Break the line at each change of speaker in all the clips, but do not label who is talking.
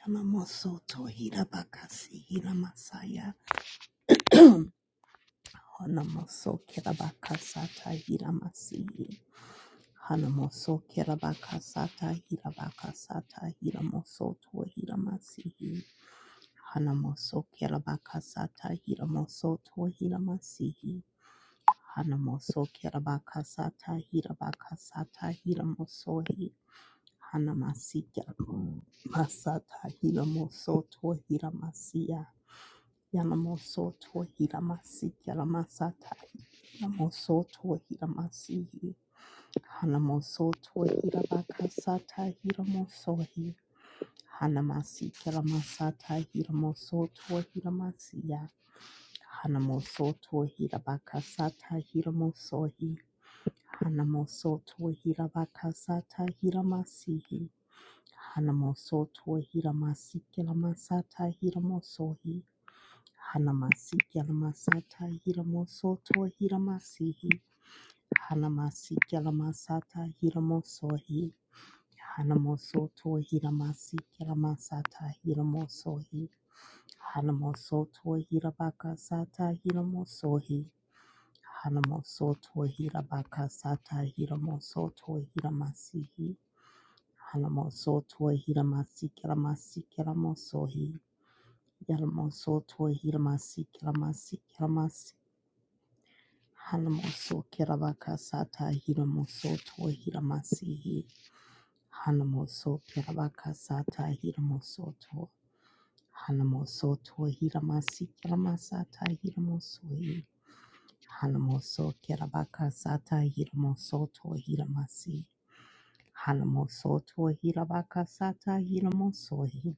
Yamamoso Tohira Bakasi Hira Masaya Hanamoso Kirabakasata Hira Masihi Hanamoso Kirabakasata Hira Bakasata Hira Moso Tohira Masihi Hanamoso Kirabakasata Hira Moso Tohira Masihi Hanamoso Kirabakasata Hira Bakasata Hira Mosohi Hanamasi Masata Hira Moso Tohira Masiya Yanamoso Tohiramasi Yalamasatahi Namoso Tohiramasihi Hanamoso Tohirabakasata Hiramosohi Hanamasi Kalamasata Hiramoso Tohiramasiya Hanamoso Tohirabakasata Hiramosohi Hanamoso Tohirabakasata Hiramasihi Hanamoso Tohiramasi Kalamasata Hiramosohi Hanamasi Yalamasata Hiramosoto Hiramasihi Hanamasi Yalamasata Hiramosohi Hanamosoto Hiramasi Yalamasata Hiramosohi Hanamosoto Hirabakasata Hiramosohi Hanamosoto Hirabakasata Hiramosoto Hiramasihi Hanamosoto Hiramasi Yalamasi Yalamosohi Yalamosoto Hiramasi Yalamasi Hanamoso Kirabaka Sata Hiramoso To Hiramasihi. Hanamoso Kirabaka Sata Hiramoso To. Hanamoso To Hiramasi Kiramasata Hiramosui. Hanamoso Kirabaka Sata Hiramoso To Hiramasi. Hanamoso To Hirabaka Sata Hiramosui.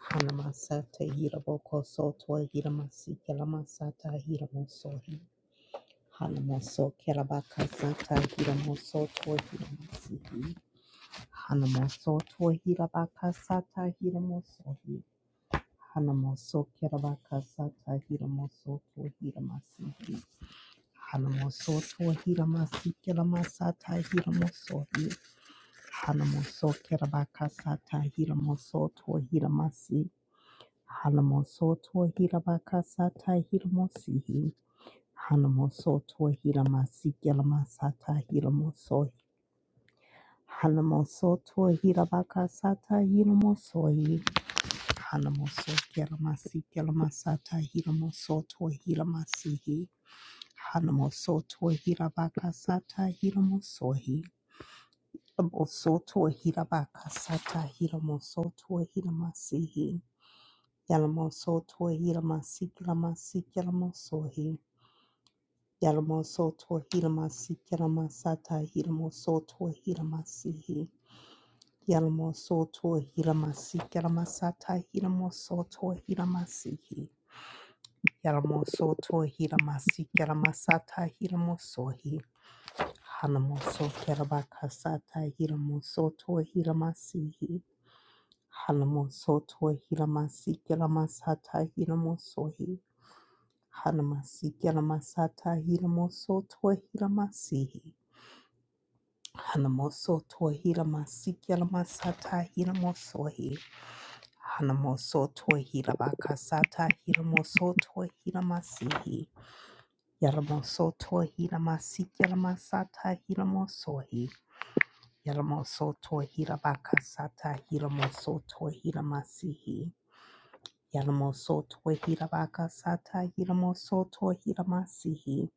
Hanamasata Hiraboko Soto Hiramasi Kiramasata Hiramosui. Hanamoso Kerabaka Sata Hiramoso Tohiramasi. Hanamoso Tohirabaka Sata Hiramoso. Hanamoso Kerabaka Sata Hiramoso Tohiramasi. Hanamoso Tohiramasi Kelamasata Hiramoso. Hanamoso Kerabaka Sata Hiramoso Tohiramasi. Hanamoso Tohirabaka Sata Hiramosi. Hanamoso to Hiramasikemasata Hiramosoi. Hanamoso to Hirabakasata Hiramosoi. Hanamoso Keramasikelmasata Hiramoso to Hiramasihi. Hanamoso to Hirabakasata Hiramosoi. Aboso to Hirabakasata Hiramoso to Hiramasihi. Yalamoso to Hiramasikelmasikemosohi. Yalamo soto hilamasi kelamasata hilamo soto hilamasihi. Yalamo soto hilamasi kelamasata hilamo soto hilamasihi. Yalamo soto hilamasi kelamasata hilamo sohi. Hanamo so kelabakasata hilamo soto hilamasihi. Hanamo soto hilamasi kelamasata hilamo sohi. Hanamasi kelamasata hilamo soto hilamasihi. Hanamoso tohira masikela masata hiramosohi. Hanamoso tohira bakasata hiramoso tohira masihi. Yaramoso tohira masikela masata hiramosohi. Yaramoso tohira bakasata hiramoso tohira masihi. Yaramoso tohira bakasata hiramoso tohira masihi.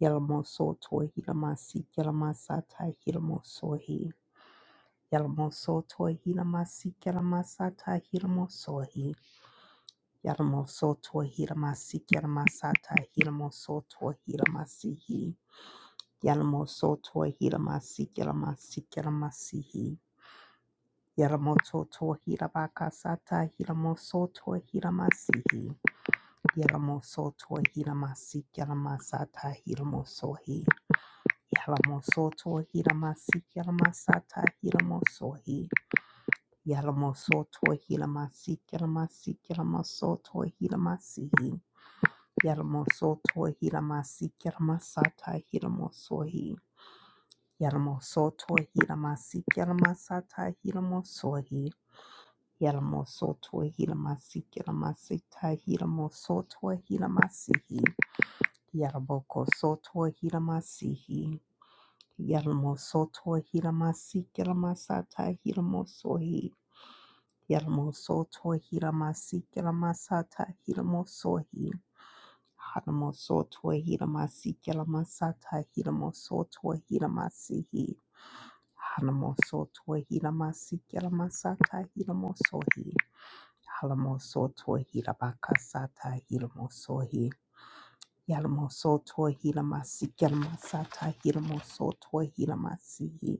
Yaramoso tohira masikela masata hiramosohi. Yalamosoto Hilamasi Kalamasata Hilamosohi. Yalamosoto Hilamasi Kalamasata Hilamosoto Hilamasihi. Yalamosoto Hilamasi Kalamasi Kalamasihi. Yalamosoto Hilabakasata Hilamosoto Hilamasihi. Yalamosoto Hilamasi Kalamasata Hilamosohi. Yalamosoto Hilamasi Kalamasata Hilamosohi. Yalamosoto Hilamasi Kilamasi Kilamasoto Hilamasihi Yalamosoto Hilamasi Kilamasata Hilamosohi Yalamosoto Hilamasi Kilamasata Hilamosohi Yalamosoto Hilamasi Kilamasita Hilamosoto Hilamasihi Yalaboko Soto Hilamasihi Yalamosoto Hilamasi Kilamasata Hilamosohi Hiramoso to hiramasi kiramasata hiramosohi. Haramoso to hiramasi kiramasata hiramoso to hiramasihi. Haramoso to hiramasi kiramasata hiramosohi. Haramoso to hirabakasata hiramosohi. Yarmoso to hiramasi kiramasata hiramoso to hiramasihi.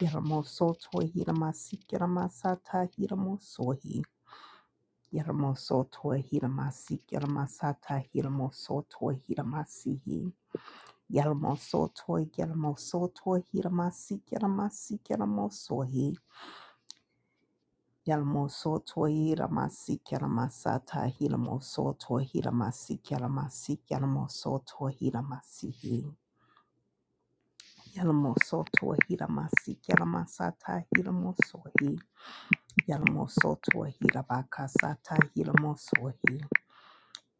Yarmoso to hiramasi kiramasata hiramosohi. Yalamosoto Hilamasi Yalamasata Hilamosoto Hilamasihi Yalamosoto Yalamosoto Hilamasi Yalamasi Yalamosohi Yalamosoto Hilamasi Yalamasata Hilamosoto Hilamasi Yalamasi Yalamosoto Hilamasihi Yalamosoto Hilamasi Yalamasata Hilamosohi Yalamosoto Hilabakasata Hilamosohi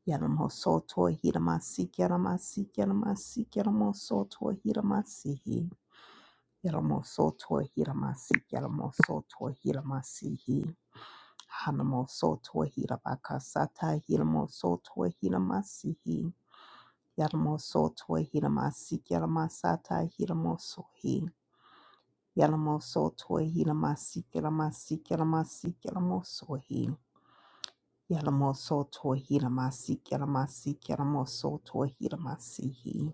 Yaramosoto Hiramasi Yaramasi Yaramasi Yaramosoto Hiramasihi Yaramosoto Hiramasi Yaramosoto Hiramasihi Hanamosoto Hirabakasata Hiramosoto Hiramasihi Yaramosoto Hiramasi Yaramasata Hiramosohi Yaramosoto Hiramasi Yaramasi Yaramasi Yaramosohi Yalamosoto Hiramasi Yaramasi Yaramosoto Hiramasihi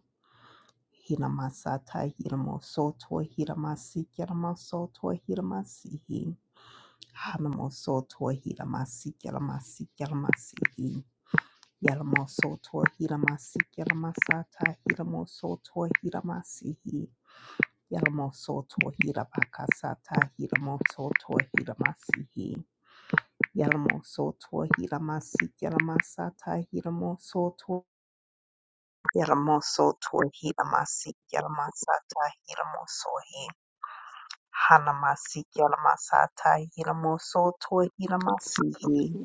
Hiramasata Hiramosoto Hiramasi Keramasoto Hiramasihi Hanamosoto Hiramasi Keramasi Keramasihi Yalamosoto Hiramasi Keramasata Hiramosoto Hiramasihi Yalamosoto Hirabakasata Hiramosoto Hiramasihi Yalamosoto Hiramasi Keramasata Hiramosoto Yalamosoto Hiramasi Keramasata Hiramosohi Hanamasik Yalamasata Hilamosotua Hilamasihi
Kari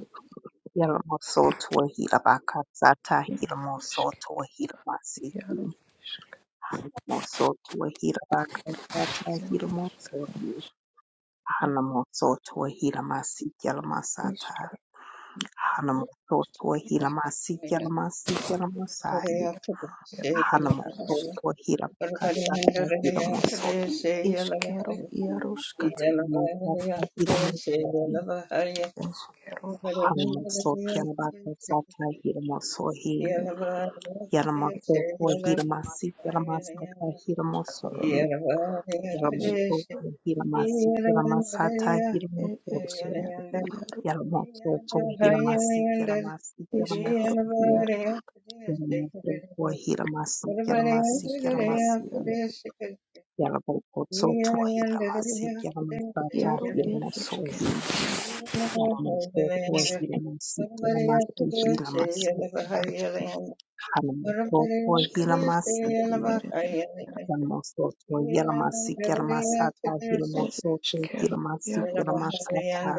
Yalamosotua Hilabakasata
eskero
Hilamosotua Hilamasihi Hanamosotua Hilabakasata
eskero
Hilamosohi Hanamosotua Hilamasik Yalamasata
iaruskat
Hanamosotua
Yeah.
Hilamasik Yalamasik Yalamasahi Hanamosotua Hilabakasata Hilamosohi Hanamasik Yalamasata Hilamosohi
eskero
Hamaso Kerabakasaka Hiramosohi
eskero
Yaramaso for Hiramasi Yaramasaka Hiramosohi Yaramaso for Hiramasi Yaramasata
eskero
Hiramosoto
eskero iaru
Yaramosoto Hiramasi Yaramasi
eskero
Yaramasi
iaru
Yaramosoto Hiramasi
Yeah.
Yaramasi
eskero
Yaramasi
iaru
Yaramosoto Hiramasi Yaramasata
iaru er eskero
Hiramosohi Yaramosoto Hiramasi Yaramasi Hiramasi Hanamosoto
eskero
Hilamasiki
er er
Hanamosoto Yelamasiki Yelamasata Hilamosoto
eskero
Hilamasiki
iaru eskero
Yelamasata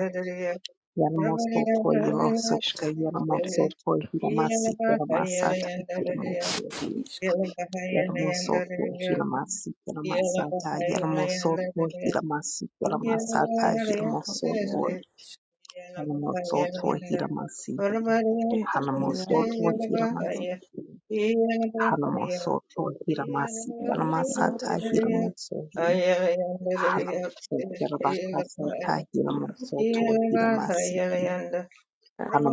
Yelamosoto
er
Yelosoto
eskero
Yelamosoto Hilamasiki Yelamasata Hilamosoto Yelamosoto Hilamasiki
Yeah.
Yelamasata Yelamosoto Hilamasiki Yelamasata Yelamosoto
iaru
Yelamosoto Hilamasiki
eskero iaru
Hanamosoto
eskero
Hilamasiki Hanamoso to Hiramasi
Quiero
Yanamasata
Yarusk
Hiramoso Hi Hanamoso
es
Kirabakasa
quiero
Ta
Yarusk
Hiramoso to Hiramasi Hi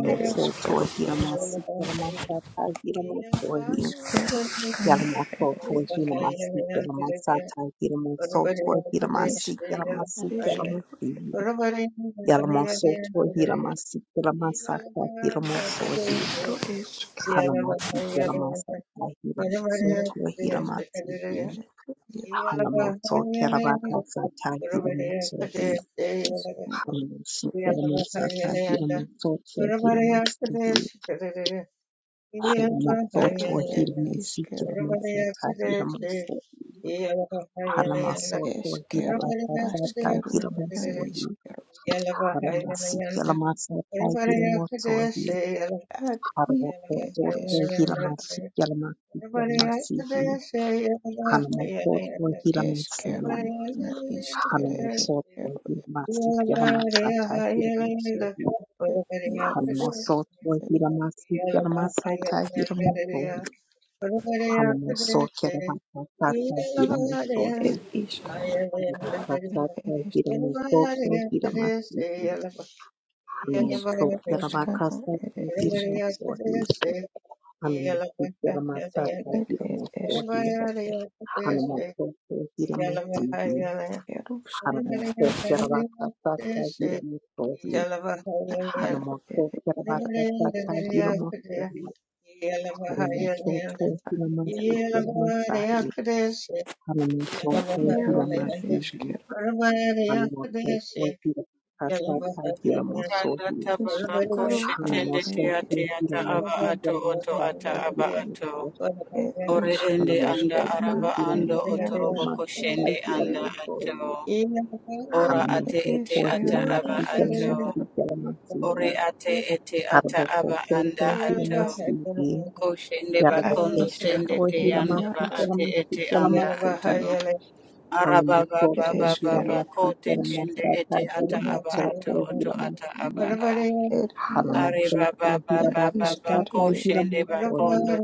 eres
to
quiero
Hiramasi Yanamasata Hiramoso Hi
es quiero cana
Yanamoso to
eres
Hiramasi Yanamasata Hiramoso to
es
Hiramasi
quiero
Yanamasi
eres quiero
Yanamasi
Yeah.
Yalamoso to Hiramasi Yanamasata Hiramoso Hi
quiero es
Hanamoso Yanamasata
quiero
Hiramoso
no
to
Yarushka,
Hiramasi Hanamoto Kerabaka Sata Hiramatsuhi
es quiero
Hanamoshi Keramasata Hiramoto Hiramatsuhi Hanamoto
es
Hiramoshi
quiero quiero es quiero
Keramasata Hiramoto Hanamaso
es quiero
Hirabaka
as
Sata
quiero na is
Hiramosuhi Hanamasi Keramasata Hiramosuhi
ad i
Haramoto
e es
Hiramashi
Everybody
Keramasi
else could
Keramasihi Hanamoto
es
Hiramasi
quiero na is ere es
Hanamosoto
quiero
Hiramasiki Masata Hiramoso
Yarusk
Hanamosoto Hiramasiki Masata Hiramoso Hanamoso Keramasata Hiramoso
e is quiero
Hanamasata
eres,
Hiramosoto Hiramasiki
Ishka
Hanamoso
ruskana
Keramakasa
ere eskero
Hiramoso
Say Yeah.
Hanamoso Keramasata
like
ere
Hiramoso
eskero
Yalabahaya,
Hanamoso Hiramasiki
eskero ska
Hanamoso Keramakasa Hiramoso
iaro
Hanamot
ere
pohi la baat
eskero
baat kasi ila mo
ere
hanamot pohi ila masik
iaro
ila masai hanamot
ska
pohi
iaro
ila
ere
masik
eskero
hanamot pohi ila kasat kasi ila mo
Randa
sohi
tababa koshe
eskaro a
tende
hanamot
ere
pohi
tiate
ila
ata aba
masik
ato
ila masai ila
oto
kasat
ata
kasi
aba
ila mo
ato.
e
Ore ende
eskaro
anda
sohi hanamot
skera
pohi
araba
ila
ere
ando
masik
iaro
ila
otorobo
ska
masai
koshende
ila kasat kasi ila
anda
mo sohi
ato. Ora
hanamot
ate
ere
ete
pohi
ata
ila
eskero a
aba
masik
Yeah.
ila
ato.
masai
eskero
ila kasat kasi ila mo sohi
Ore ate ete ata aba
hanamot
anda
pohi ila
ato.
masik ila masai
Koshende
a
bakondo
Yarabakoze
tende
iskaro
te
ere
kuhira
anda
amafi
ba
iaro ska
ate
y'amafi
ete anda
y'amafi
ato.
hanyuma
Araba baba
ere
baba
kuhira
eskero a
amafi
baba te
iskero
tende
y'amasaka
ete
hira
ata aba
amafi
ato oto
kuhira
ata aba
amafi
a.
ere
hanyuma
iaro
Are
ska
baba
kuhira
na
baba
amasaka
baba
iskere ere
hira
koshende ba
amafi
ba ko shende ba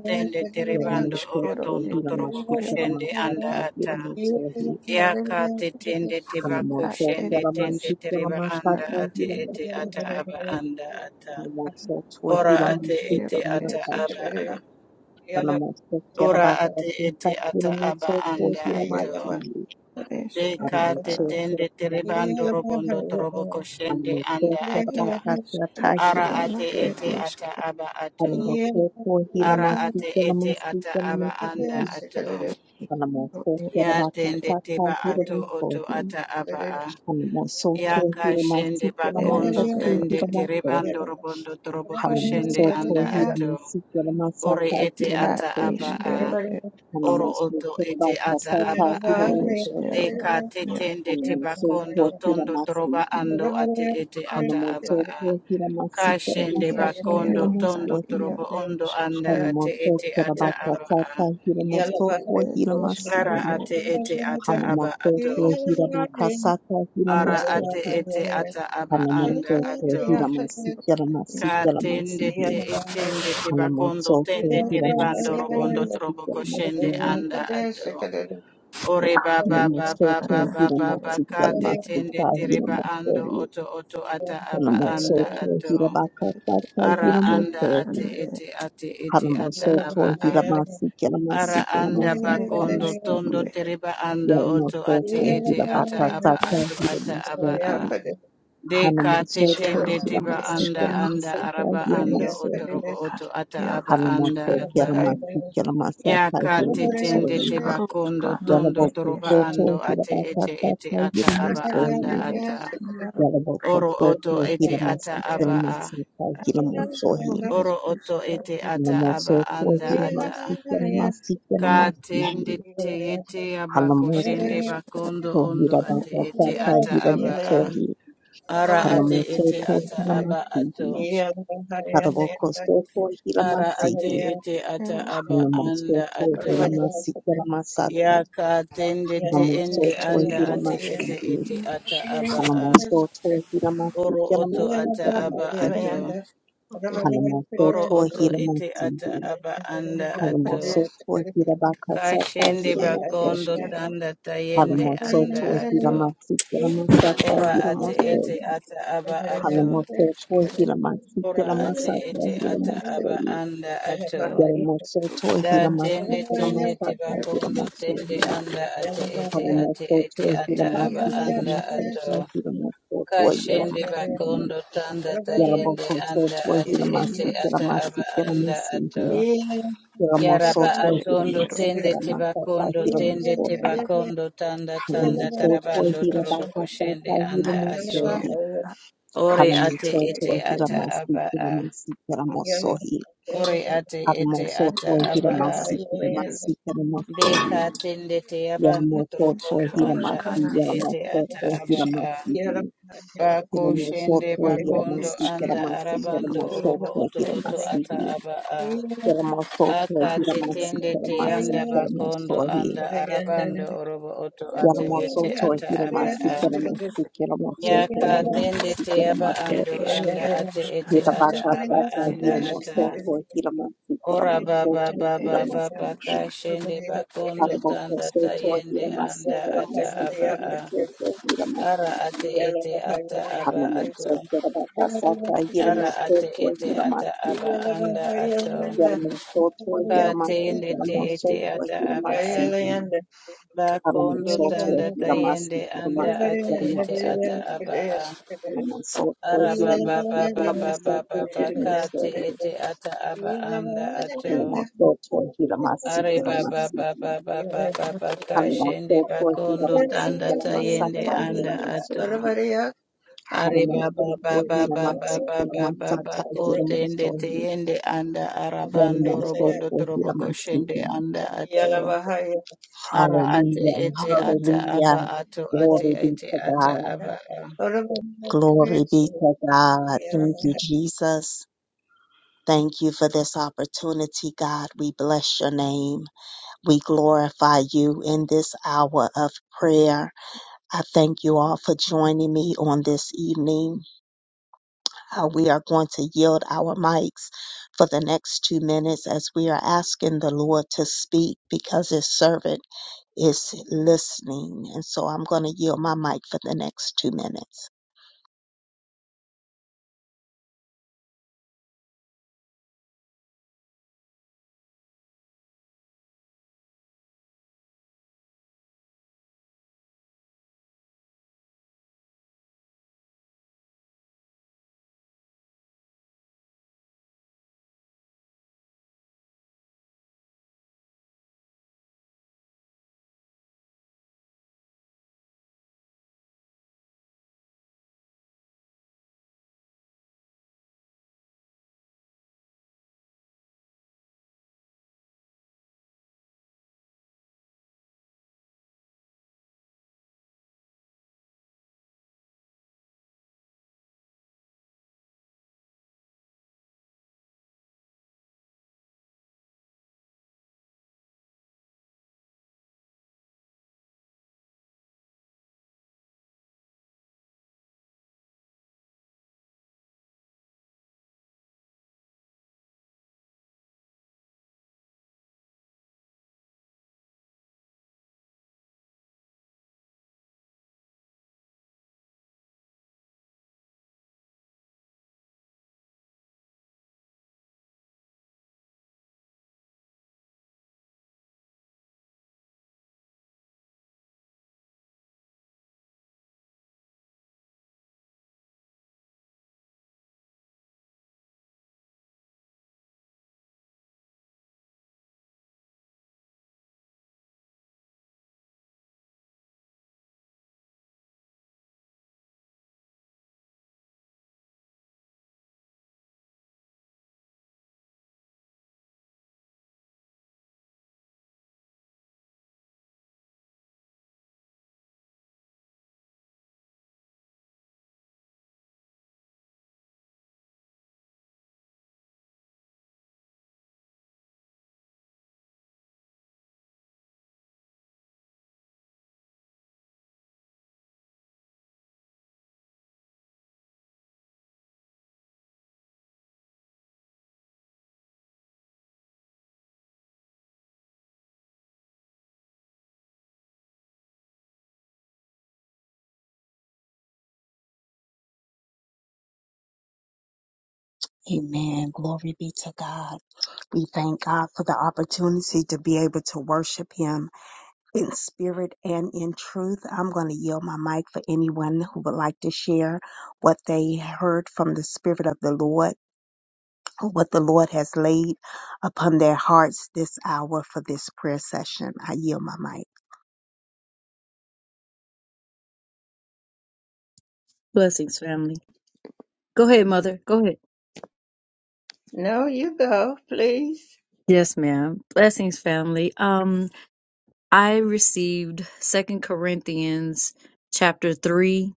tende
hanyuma
terebando
eskero ere
orotondo
kuhira
torobo
amafi y'amasaka hira
eskero
amafi hanyuma
koshende
kuhira amafi
anda
y'amasaka hira
ata.
amafi
Yaka te tende te koshende
hanyuma
ad ere
kuhira
tende
amafi
eskero
tereba anda
y'amasaka
skana
hanyuma
ate
kuhira amasaka hira amafi
ete ata aba anda ata. Ora ate
hanyuma
ete
eskero ed
ata aba a.
iskero
Ora ate ete ata aba anda
kuhira
ato.
amafi
ed
De
eskero
ka te
ad
tende
Anamotsotsotso,
terebando robondo torobo koshende anda
ed
ata.
iskero
Ara
skana
ate
ed
ete
anamotsotsotsotahilamotsohi,
ata
eskero
aba ato. Ara ate ete ata aba anda
anamotsotsotsohilamasikilamasikilamasihi,
ato. Ya
iskero
tende teba ato oto
anamotsotsotsotahilamotsohi,
ata aba a. Ya
Thank
kashende
ed
bakondo
iskero ed eskero
tende
ed
terebando robondo trobo koshende anda ato. Ore ete
ad
ata
anamotsotsotsohilamasikilamasasihilamotsohi,
aba
anamotsotsotsohilamasikilamasatahilamotsohi,
iskero
a.
ed
Oro oto ete ata aba a.
ed iskero
anamotsotsotsotahilamotsohi,
ad
Deka
ia
tetende tebakondo tondo troba
anamotsotsotsohilamasihi.
ando ate ete ata aba a.
Hanamotokia Hiramasika
Kashende
Nakata
you.
eskero
bakondo
ad
tondo
Hiramoswahi
ia
trobo ondo
isk
anda ate ete
Hanamotokia
ata aba a.
Rabakasata Hiramosokwa
ed iskero
Ara
Hiramasihi
ed
ate
isk
ete ata aba
Hanamotokia
ato.
Hirabakasata
Ara ate
Hiramoswahi
ete ata aba anda
Hanamotokia
ato.
isk
Hiramasika
Ka
isk
Ramasika
tende te
Ramasihi
etende te bakondo
Hanamotokia
tende te ribando
Hiramasika
robondo trobo
Ramasika
koshende
Ramasihi
anda ato.
ed
Ore
eskero
baba baba baba
Hanamotokia
skana
baba ba ba
ed
Hiramasika
te tende
Ramasika
te riba ando
Hiramoswahi
oto oto ata aba anda
Hanamotokia
ato.
Hirabakasata
Ara anda ate
skana
Hiramoswahi
ed
ete ate ete ata
Hanamosoto
aba a. Ara
iskero
anda
ed
bakondo
iskero
tondo
Hilamasikilamasikilamasikilamasihi
ed
tereba ando oto ate
Yalamosoto
ete ata
Yeah.
aba
Hilabakasata
ato ata aba
Hilamosohi
a. Deka
Hanamosoto
iskero
tetende
ed
tiba anda
eskero
anda
Hilamasikilamasata
araba ando oto
Hilamosohi
robo oto ata
Iaro
aba anda
iske
ata.
Hanamosokilamasikilamasata
Yaka tetende
Hilamosohi
tiba
iskaro
kondo
skana
tondo
er
toroba
eske
Yalamosoto
ando ate ete
Hilabakasata
ete ata aba anda
Hilamosohi
er
ata.
iaro
Oro
Yalamosoto
oto ete ata aba a.
Hilamasikilamasata
iskaro
Hilamosohi
er
Oro oto
iskaro
ete ata
er
aba
Hanamosoto
anda ata.
Hilamasikilamasata Hilamosohi
Katende te ete aba
er
Hanamoso
koshende
eskero
bakondo ondo
tohira
ate
iaro
ete
bakasata
ata aba a.
hiramosohi.
Ara ate
Hanamoso
ete ata
tohira
er
aba ato.
masihi. Haraboko so tohira
Ara ate
masihi.
ete ata
iskero
aba
Hanamoso
anda ato.
tohira masikira
Ya
masata.
katende te ende
Hanamoso
anda
er
tohira
ate
Yeah.
ete
eskero
masihi.
ete
iaro
ata aba a.
Hanamoso tohira
Oro
masikira
oto ata
masikira
aba ato.
masihi.
er
Hanamoso
Oro
eskero
oto
tohira
ete ata
masihi.
aba anda ato.
Hanamoso tohira bakasata
Kashende
er eskero er
bakondo
hiramosohi.
eskero iaro
tanda tayende
Hanamoso
anda
tohira
ato.
masikira masata
Ora ate
hiramosohi.
ete ata aba
er
ato.
Halamosoto
eskero
Hilamasi
Ora ate
Hilamasata
ete ata aba
Hilamosori
anda
er
ato.
iskaro
Yalamosoto
Da
skana er
Hilamasi
tende
eske
tende
Hilamasata
teba kondo tende
Hilamosori
anda ate ete ate
Halamosoto
ete
er
ata aba
Hilamasi
iaro
anda
iske
Hilamasata
ato.
Hilamosoto
Kashende
Hilamasi
bakondo tanda tayende
Yalamosoto
anda
er
ate ete
iaro
Hilamasi
ata aba
Hilamasi
anda
Hilamasi
ato. Yaraba
Hilamosoto
er
atondo
eskero
Hilamasi
Yeah.
tende
Hilamasata
tebakondo tende
Hilamosori
tebakondo tanda tanda
Halamosoto
tarabando
is
torobo
Hilabakasata
koshende anda
ad
ato.
Hilamosori
iskero ad
Ore ate
eskero
Haramosoto
ete ata
Hiramasi
aba a.
Hiramasi Hiramosohi
Ore ate ete ata
Haramosoto
aba
er
a.
Hiramasi Hiramasi Hiramosohi
Deka tende te yaban
Yaramosoto
utrobondo anda
Hiramasi
Iškaruškana
ate ete
ir
ata
Yaramosoto
aba a.
Hiramasi
Yeah.
Bako shende
Hiramosoto
bakondo
Hiramasi
iškaruškero
anda
Hiramasi
vyro
arabando orobo
Hiramosoto
oto oto
Hiramasi
ata aba a.
Hiramosoto
Aka te
Hiramasi
tende te
Hiramasi
yanda bakondo
Hiramosohi
anda arabando orobo oto ate ete
Yaramosoto
ata
aškaruška
aba
Hiramasi
a.
Hiramasi Hiramosoto
Yaka tende
Hiramasi
te aba
ir
ando
Hiramosoto
anda ate ete
Hira
iškaruškana
ata aba
bakasata,
ir
anda
hira
ata.
mosoto, hira masi, hira
Ora
Yeah.
baba
mosoto, hira
baba
iškaruškana
masi,
baba kashende bakondo
hara
tanda
mokosoto,
tayende
hira masi,
anda
hira
ata
masi,
aba
hira
a
mosoto, hira
ara
masi,
ate ete ata aba
hara
ato
mosoto, hira bakasata, hira
ara ate
mosoto,
ete ata aba anda ato katende te ete ata aba a bakondo tanda tayende anda ate ete ata aba a ara baba baba baba baba kate ete ata aba anda ato
Hanamoto Hiramasi
Are baba
Hiramasi
baba baba baba
Hanamoto
kashende bakondo
Hiramasi
tanda tayende
Hiramasata
anda
Hiramoso
ato.
No,
Are
Hanamoto
baba baba
Hiramasi
baba baba baba
Hiramasata
kotende
Hiramoso
teyende anda arabando
Yanamoto
robondo trobo
Hiramasi
koshende anda ato. Ara ate
Hallelujah
ete ata
Hallelujah
aba ato ate
Glory be
ete
to
ata
God
aba a.
Glory be to God Thank you Jesus Thank you for this opportunity, God. We bless your name. We glorify you in this hour of prayer. I thank you all for joining me on this evening. Uh, we are going to yield our mics for the next two minutes as we are asking the Lord to speak because his servant is listening. And so I'm going to yield my mic for the next two minutes. Amen. Glory be to God. We thank God for the opportunity to be able to worship Him. in spirit and in truth. I'm going to yield my mic for anyone who would like to share what they heard from the Spirit of the Lord, or what the Lord has laid upon their hearts this hour for this prayer session. I yield my mic.
Blessings, family. Go ahead, mother. Go ahead.
you go, please.
Yes, ma'am. Blessings, family. Um, I received Second Corinthians chapter three,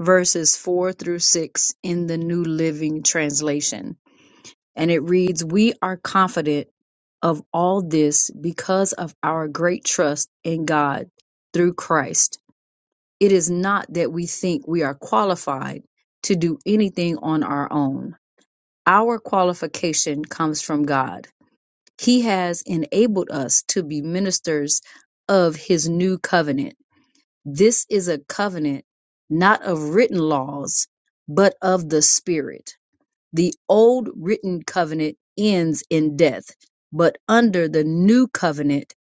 verses four through six in the New Living Translation. And it reads, We are confident of all this because of our great trust in God through Christ. It is not that we think we are qualified to do anything on our own. Our qualification comes from God He has enabled us to be ministers of his new covenant. This is a covenant not of written laws, but of the Spirit. The old written covenant ends in death, but under the new covenant,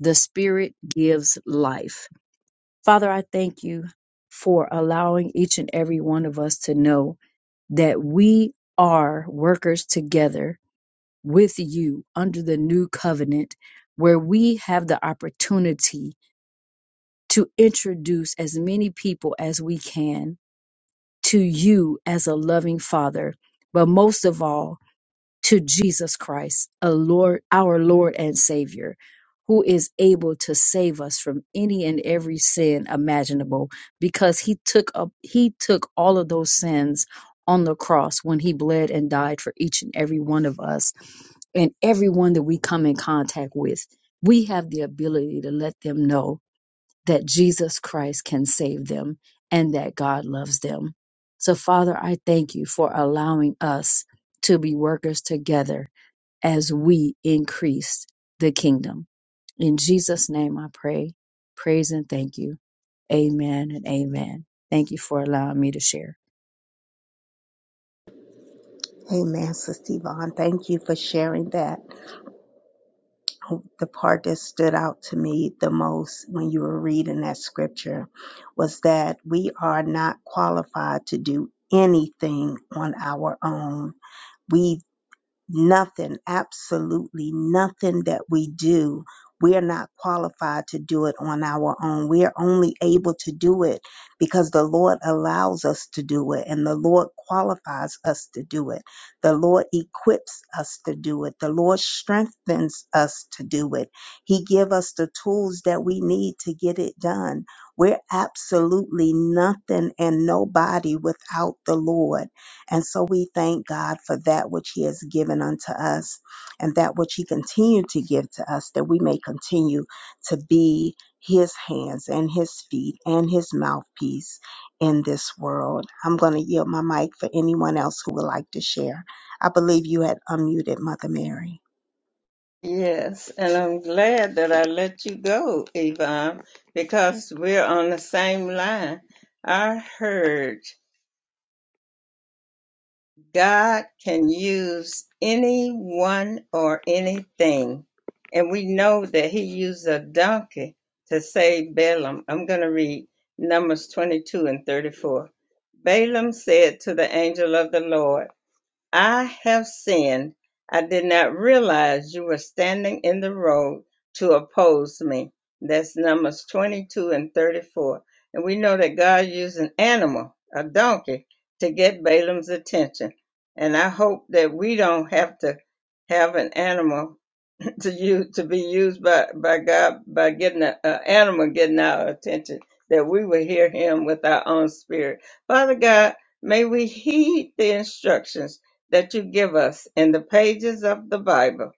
the Spirit gives life. Father, I thank you for allowing each and every one of us to know that we are workers together with you under the new covenant, where we have the opportunity to introduce as many people as we can to you as a loving father. But most of all, to Jesus Christ, a Lord, our Lord and Savior, who is able to save us from any and every sin imaginable, because He took up He took all of those sins on the cross when He bled and died for each and every one of us, and everyone that we come in contact with. We have the ability to let them know that Jesus Christ can save them and that God loves them. So, Father, I thank you for allowing us to be workers together as we increase the kingdom. In Jesus' name I pray, praise, and thank you. Amen and amen. Thank you for allowing me to share.
Amen, Sister Yvonne. Thank you for sharing that. The part that stood out to me the most when you were reading that scripture was that we are not qualified to do anything on our own. We Nothing, absolutely nothing that we do, we are not qualified to do it on our own. We are only able to do it because the Lord allows us to do it and the Lord qualifies us to do it. The Lord equips us to do it. The Lord strengthens us to do it. He give us the tools that we need to get it done. We're absolutely nothing and nobody without the Lord. And so we thank God for that which He has given unto us and that which He continued to give to us, that we may continue to be His hands and His feet and His mouthpiece in this world. I'm going to yield my mic for anyone else who would like to share. I believe you had unmuted Mother Mary.
Yes, and I'm glad that I let you go, Yvonne, because we're on the same line. I heard. God can use anyone or anything. And we know that he used a donkey to save Balaam. I'm going to read Numbers 22 and 34. Balaam said to the angel of the Lord, I have sinned. I did not realize you were standing in the road to oppose me. That's Numbers 22 and 34. And we know that God used an animal, a donkey, to get Balaam's attention. And I hope that we don't have to have an animal to you to be used by by God by getting an animal getting our attention that we will hear Him with our own spirit. Father God, may we heed the instructions that you give us in the pages of the Bible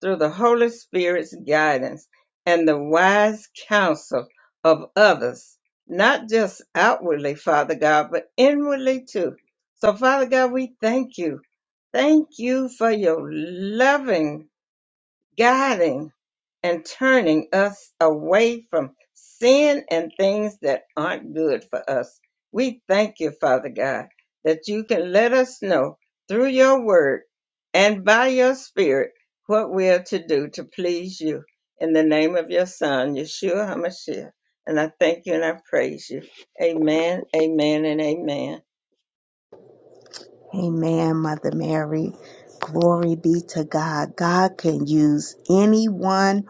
through the Holy Spirit's guidance and the wise counsel of others, not just outwardly, Father God, but inwardly too. So, Father God, we thank you. Thank you for your loving guiding and turning us away from sin and things that aren't good for us. We thank you, Father God, that you can let us know through your word and by your spirit what we are to do to please you. In the name of your Son, Yeshua HaMashiach. And I thank you and I praise you. Amen, amen, and amen.
Amen, Mother Mary. Glory be to God. God can use anyone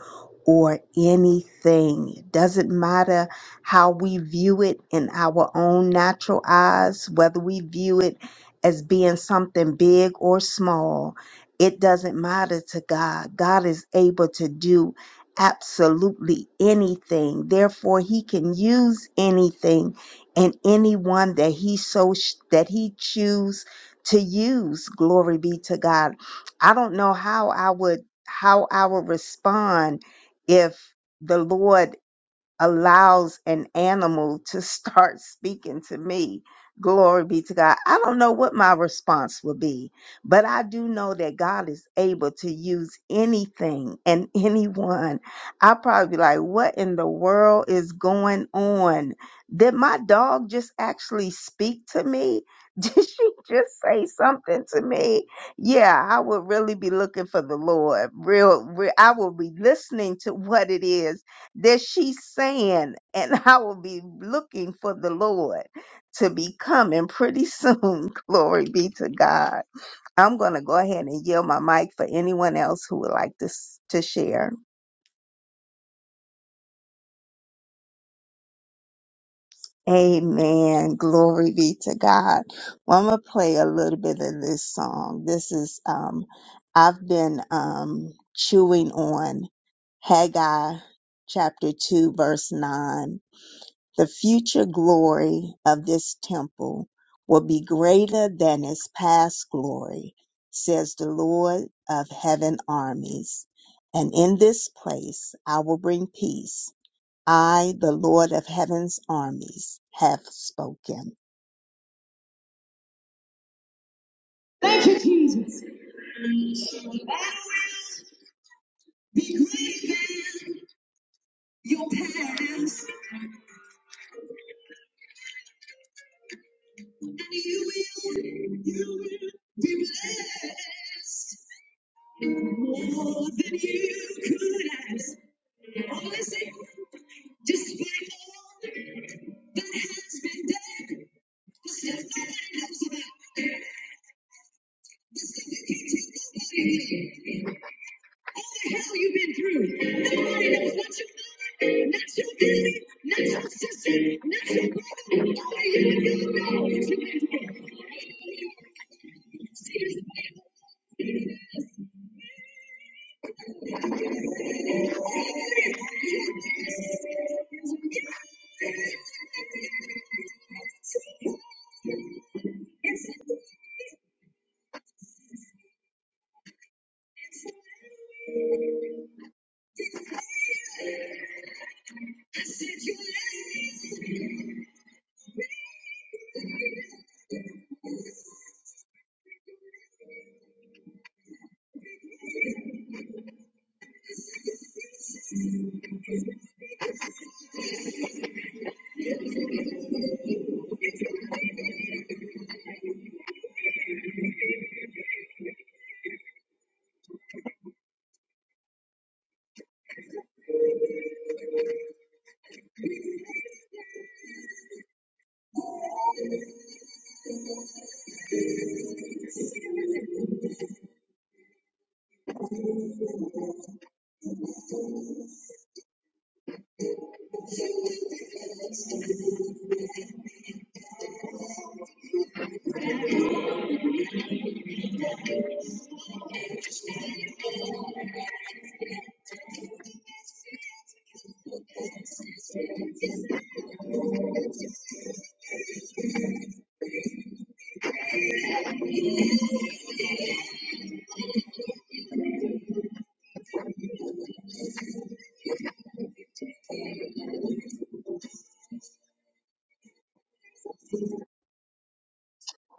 or anything. It doesn't matter how we view it in our own natural eyes, whether we view it as being something big or small. It doesn't matter to God. God is able to do absolutely anything. Therefore, he can use anything and anyone that he so that he choose to use glory be to god i don't know how i would how i would respond if the lord allows an animal to start speaking to me. Glory be to God. I don't know what my response will be, but I do know that God is able to use anything and anyone. I'll probably be like, what in the world is going on? Did my dog just actually speak to me? Did she just say something to me? Yeah, I would really be looking for the Lord. Real, real I will be listening to what it is that she's saying, and I will be looking for the Lord to be coming pretty soon. Glory be to God. I'm going to go ahead and yield my mic for anyone else who would like to, s- to share. Amen. Glory be to God. Well, I'm going to play a little bit of this song. This is, um, I've been, um, chewing on Haggai chapter 2, verse 9 The future glory of this temple will be greater than its past glory, says the Lord of heaven armies. And in this place I will bring peace. I, the Lord of heaven's armies, have spoken. More than you could ask. All is in- despite all that has been the hell you've been through. Nobody knows not your mother, not your daddy, not your sister, not your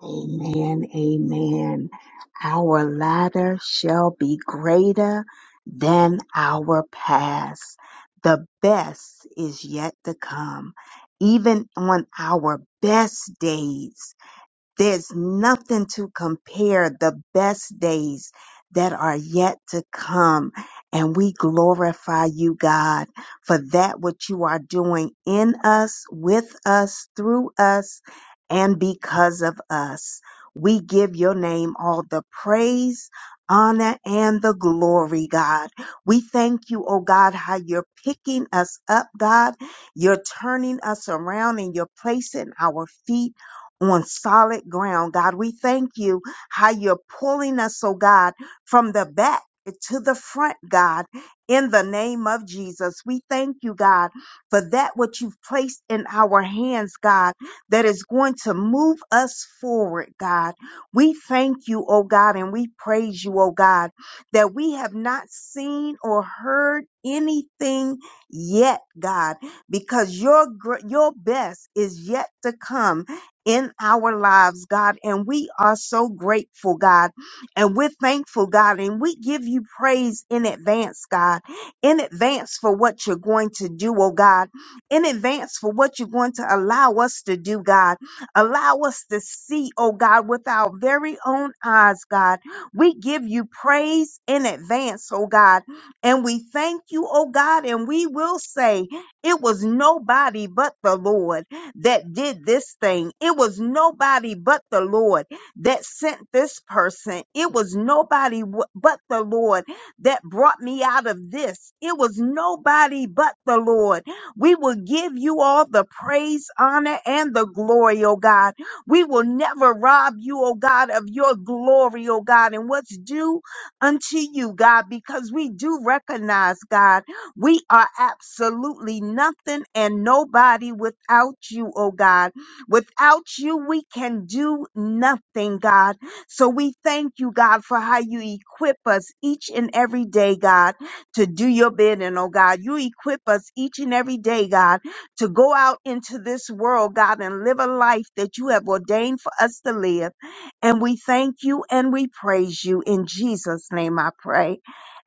Amen, amen. Our latter shall be greater than our past. The best is yet to come. Even on our best days, There's nothing to compare the best days that are yet to come. And we glorify you, God, for that which you are doing in us, with us, through us, and because of us. We give your name all the praise, honor, and the glory, God. We thank you, oh God, how you're picking us up, God. You're turning us around and you're placing our feet on solid ground. God, we thank you how you're pulling us, oh God, from the back to the front, God, in the name of Jesus. We thank you, God, for that what you've placed in our hands, God, that is going to move us forward, God. We thank you, oh God, and we praise you, oh God, that we have not seen or heard anything yet, God, because your gr- your best is yet to come in our lives, God. And we are so grateful, God. And we're thankful, God. And we give you praise in advance, God. In advance for what you're going to do, oh God. In advance for what you're going to allow us to do, God. Allow us to see, oh God, with our very own eyes, God. We give you praise in advance, oh God. And we thank you, oh God. And we will say, it was nobody but the Lord that did this thing. It was nobody but the Lord that sent this person. It was nobody w- but the Lord that brought me out of this. It was nobody but the Lord. We will give you all the praise, honor, and the glory, oh God. We will never rob you, oh God, of your glory, oh God, and what's due unto you, God, because we do recognize, God. We are absolutely nothing and nobody without you, oh God. Without you, we can do nothing, God. So we thank you, God, for how you equip us each and every day, God, to do your bidding, oh God. You equip us each and every day, God, to go out into this world, God, and live a life that you have ordained for us to live. And we thank you and we praise you. In Jesus' name I pray.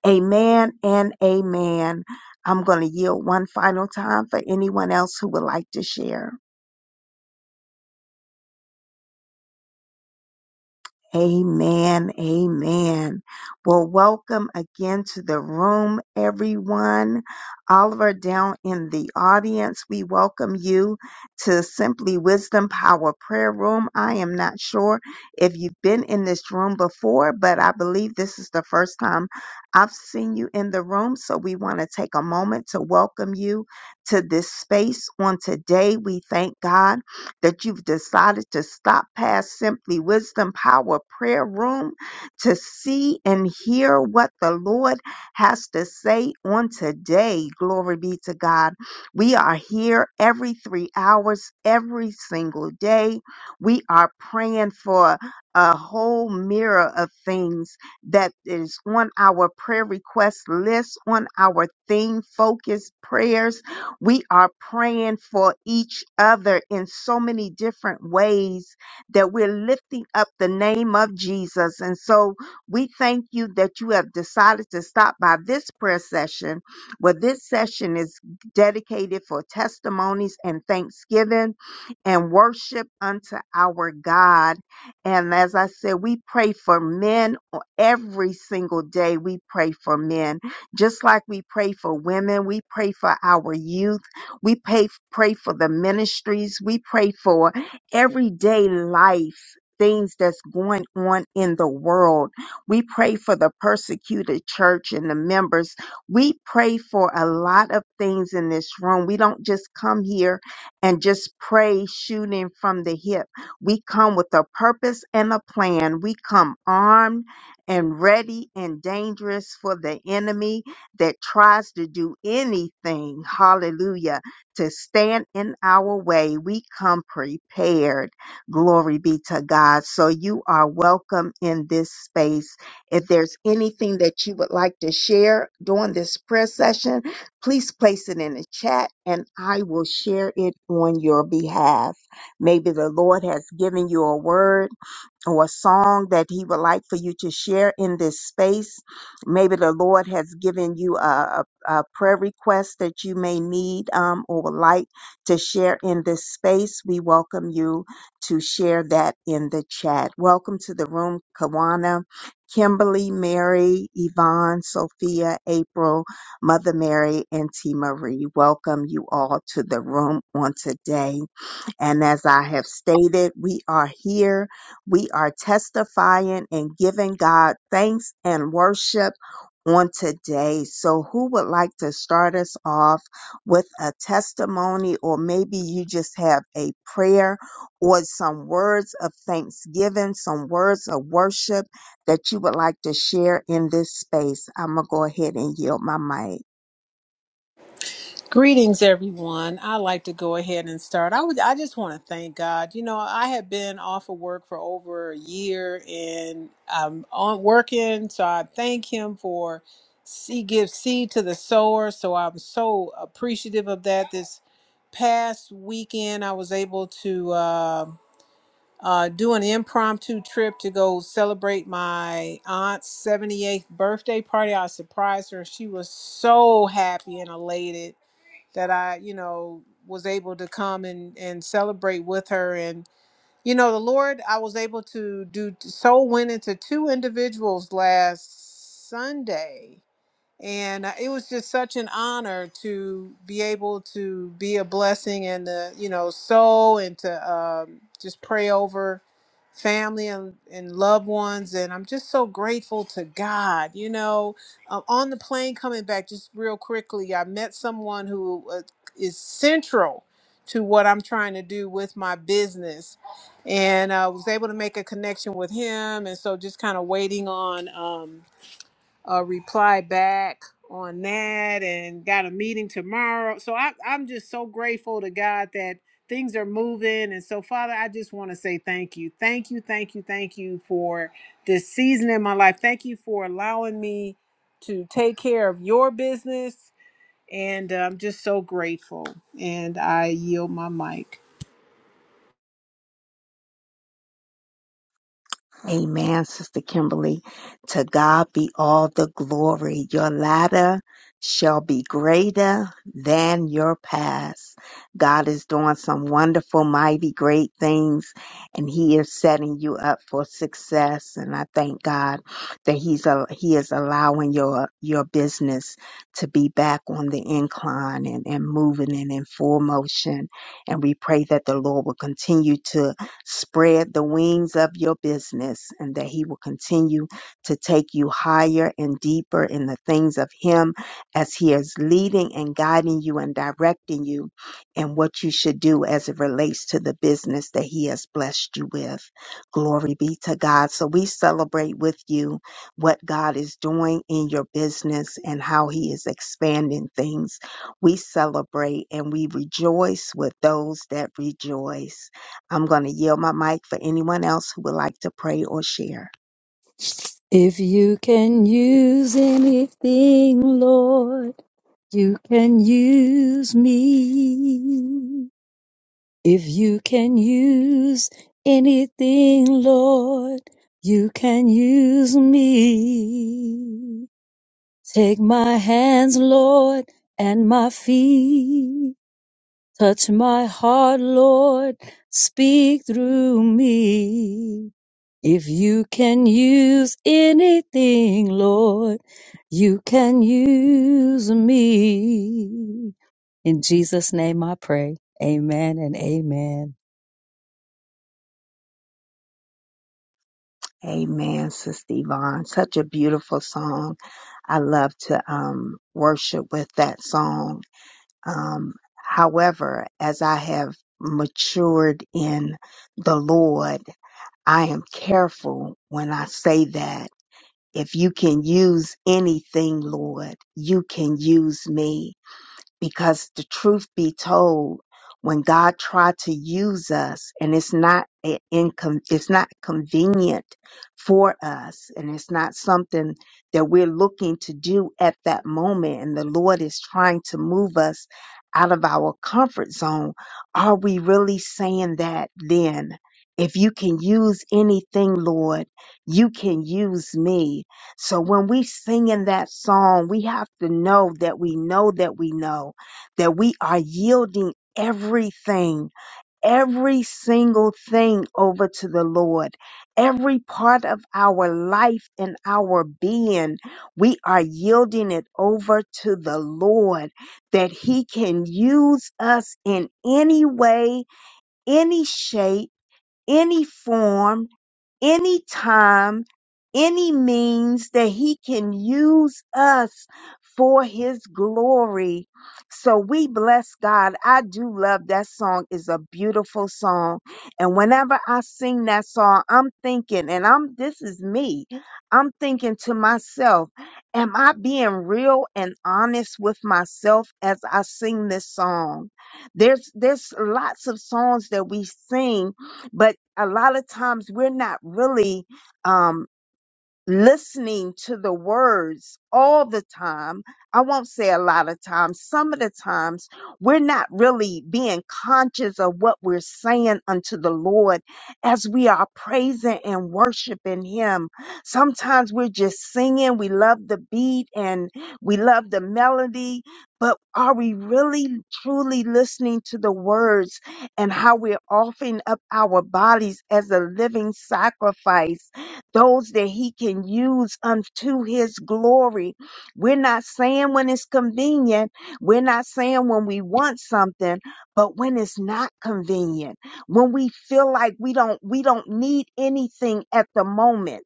Amen and amen. I'm going to yield one final time for anyone else who would like to share. Amen. Amen. Well, welcome again to the room, everyone. Oliver down in the audience, we welcome you to Simply Wisdom Power Prayer Room. I am not sure if you've been in this room before, but I believe this is the first time I've seen you in the room. So we want to take a moment to welcome you to this space on today. We thank God that you've decided to stop past Simply Wisdom Power Prayer Room to see and hear what the Lord has to say on today. Glory be to God. We are here every three hours, every single day. We are praying for a whole mirror of things that is on our prayer request list, on our theme focused prayers we are praying for each other in so many different ways that we're lifting up the name of Jesus. And so we thank you that you have decided to stop by this prayer session, where this session is dedicated for testimonies and thanksgiving and worship unto our God. And as I said, we pray for men every single day. We pray for men just like we pray for women, we pray for our youth, we pay, pray for the ministries, we pray for everyday life. Things that's going on in the world. We pray for the persecuted church and the members. We pray for a lot of things in this room. We don't just come here and just pray shooting from the hip. We come with a purpose and a plan. We come armed and ready and dangerous for the enemy that tries to do anything, hallelujah, to stand in our way, we come prepared. Glory be to God. So you are welcome in this space. If there's anything that you would like to share during this prayer session, please place it in the chat and I will share it on your behalf. Maybe the Lord has given you a word or a song that he would like for you to share in this space. Maybe the Lord has given you a, a, a prayer request that you may need um, or would like to share in this space. We welcome you to share that in the chat. Welcome to the room, Kawana. Kimberly, Mary, Yvonne, Sophia, April, Mother Mary, and T. Marie. Welcome you all to the room on today. And as I have stated, we are here. We are testifying and giving God thanks and worship on today. So, who would like to start us off with a testimony, or maybe you just have a prayer or some words of thanksgiving, some words of worship that you would like to share in this space? I'm going to go ahead and yield my mic.
Greetings, everyone. i like to go ahead and start. I would, I just want to thank God. You know, I have been off of work for over a year and I'm on working. So I thank Him for He gives seed to the sower. So I'm so appreciative of that. This past weekend, I was able to uh, uh, do an impromptu trip to go celebrate my aunt's 78th birthday party. I surprised her. She was so happy and elated that I, you know, was able to come and and celebrate with her and you know, the Lord I was able to do soul went into two individuals last Sunday and uh, it was just such an honor to be able to be a blessing and to you know sow and to um, just pray over family and, and loved ones and i'm just so grateful to god you know um, on the plane coming back just real quickly i met someone who uh, is central to what i'm trying to do with my business and i uh, was able to make a connection with him and so just kind of waiting on um, a reply back on that and got a meeting tomorrow. So I, I'm just so grateful to God that things are moving. And so, Father, I just want to say thank you. Thank you, thank you, thank you for this season in my life. Thank you for allowing me to take care of your business. And uh, I'm just so grateful. And I yield my mic.
Amen, Sister Kimberly. To God be all the glory. Your latter shall be greater than your past. God is doing some wonderful, mighty, great things, and He is setting you up for success. And I thank God that He's a, He is allowing your your business to be back on the incline and, and moving and in full motion. And we pray that the Lord will continue to Spread the wings of your business and that He will continue to take you higher and deeper in the things of Him as He is leading and guiding you and directing you in what you should do as it relates to the business that He has blessed you with. Glory be to God. So we celebrate with you what God is doing in your business and how He is expanding things. We celebrate and we rejoice with those that rejoice. I'm going to yield my mic for anyone else who would like to pray or share.
If you can use anything, Lord, you can use me. If you can use anything, Lord, you can use me. Take my hands, Lord, and my feet. Touch my heart, Lord. Speak through me. If you can use anything, Lord, you can use me. In Jesus' name I pray. Amen and amen.
Amen, Sister Yvonne. Such a beautiful song. I love to um, worship with that song. Um, however, as I have matured in the Lord, I am careful when I say that. If you can use anything, Lord, you can use me. because the truth be told, when God tried to use us, and it's not a- incon- it's not convenient for us, and it's not something that we're looking to do at that moment, and the Lord is trying to move us out of our comfort zone. Are we really saying that then? If you can use anything, Lord, you can use me. So when we sing in that song, we have to know that we know that we know that we are yielding everything, every single thing over to the Lord, every part of our life and our being, we are yielding it over to the Lord that He can use us in any way, any shape, any form any time, any means that he can use us for his glory. So we bless God. I do love that song. It's a beautiful song. And whenever I sing that song, I'm thinking, and I'm this is me. I'm thinking to myself, am I being real and honest with myself as I sing this song? There's there's lots of songs that we sing but a lot of times we're not really, um, listening to the words all the time. I won't say a lot of times, some of the times we're not really being conscious of what we're saying unto the Lord as we are praising and worshiping Him. Sometimes we're just singing, we love the beat and we love the melody, but are we really truly listening to the words and how we're offering up our bodies as a living sacrifice? those that he can use unto his glory. We're not saying when it's convenient, we're not saying when we want something, but when it's not convenient, when we feel like we don't we don't need anything at the moment.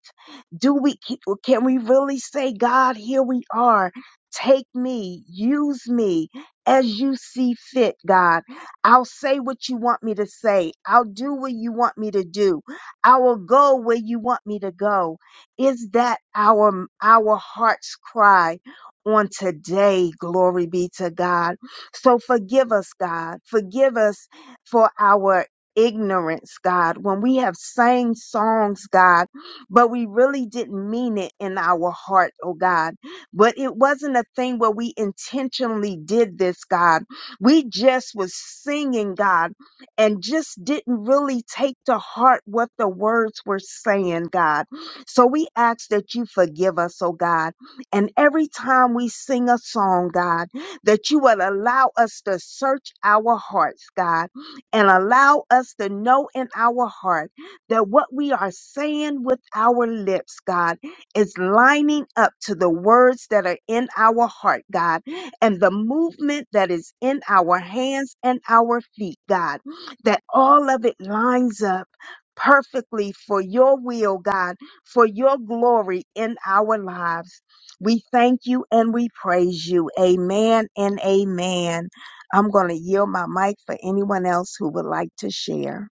Do we can we really say God, here we are. Take me, use me as you see fit, God. I'll say what you want me to say. I'll do what you want me to do I will go where you want me to go. Is that our our heart's cry on today? Glory be to God. So forgive us, God. Forgive us for our ignorance, God, when we have sang songs, God, but we really didn't mean it in our heart, oh God. But it wasn't a thing where we intentionally did this, God. We just was singing, God and just didn't really take to heart what the words were saying, God. So we ask that you forgive us, oh God. And every time we sing a song, God, that you would allow us to search our hearts, God, and allow us to know in our heart that what we are saying with our lips, God, is lining up to the words that are in our heart, God, and the movement that is in our hands and our feet, God that all of it lines up perfectly for your will, God, for your glory in our lives. We thank you and we praise you. Amen and amen. I'm going to yield my mic for anyone else who would like to share.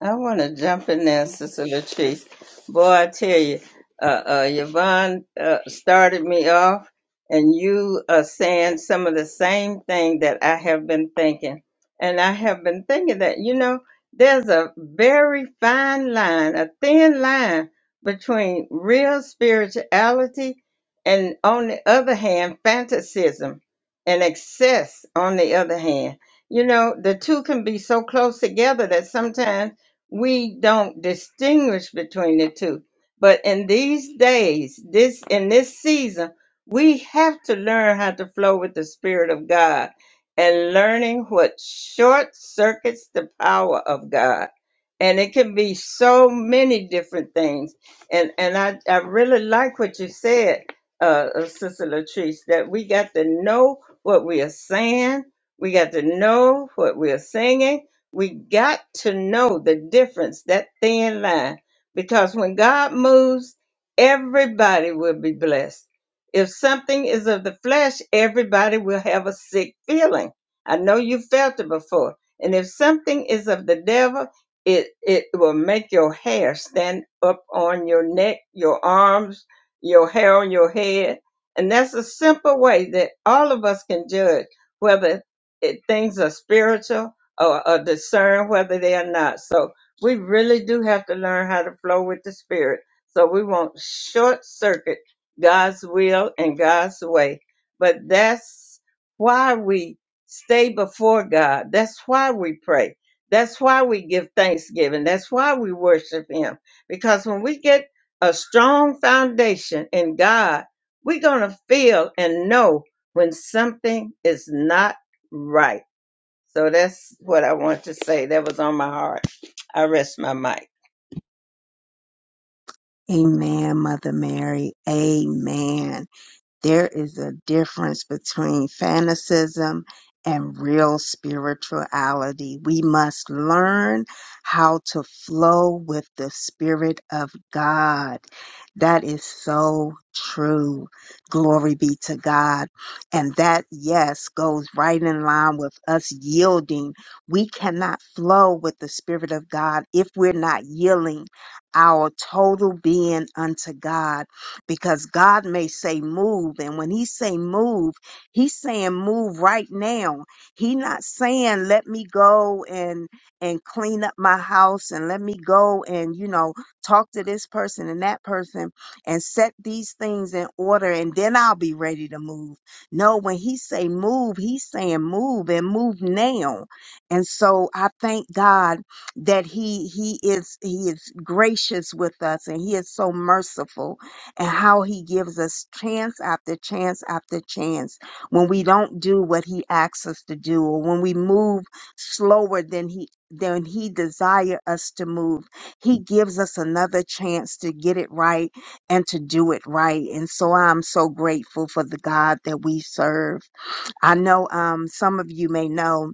I want to jump in there, Sister Latrice. Boy, I tell you, uh, uh, Yvonne uh, started me off, and you are saying some of the same thing that I have been thinking. And I have been thinking that, you know, there's a very fine line, a thin line between real spirituality and, on the other hand, fantasism and excess, on the other hand. You know, the two can be so close together that sometimes we don't distinguish between the two. But in these days, this in this season, we have to learn how to flow with the Spirit of God and learning what short circuits the power of God. And it can be so many different things. And and I, I really like what you said, uh, uh, Sister Latrice, that we got to know what we are saying. We got to know what we are singing we got to know the difference, that thin line, because when God moves, everybody will be blessed. If something is of the flesh, everybody will have a sick feeling. I know you felt it before. And if something is of the devil, it, it will make your hair stand up on your neck, your arms, your hair on your head. And that's a simple way that all of us can judge whether it, things are spiritual or, or discern whether they are not. So we really do have to learn how to flow with the Spirit. So we won't short circuit God's will and God's way. But that's why we stay before God. That's why we pray. That's why we give thanksgiving. That's why we worship Him. Because when we get a strong foundation in God, we're going to feel and know when something is not right so that's what I want to say. That was on my heart. I rest my mic.
Amen, Mother Mary. Amen. There is a difference between fanaticism and real spirituality. We must learn how to flow with the Spirit of God. That is so true. Glory be to God. And that, yes, goes right in line with us yielding. We cannot flow with the Spirit of God if we're not yielding our total being unto God because God may say move. And when he say move, he's saying move right now. He not saying let me go and and clean up my house and let me go and you know talk to this person and that person and set these things in order and then I'll be ready to move. No, when he say move, he's saying move and move now. And so I thank God that he he is he is gracious with us and he is so merciful and how he gives us chance after chance after chance when we don't do what he asks us to do or when we move slower than he than he desire us to move he gives us another chance to get it right and to do it right and so i'm so grateful for the god that we serve i know um some of you may know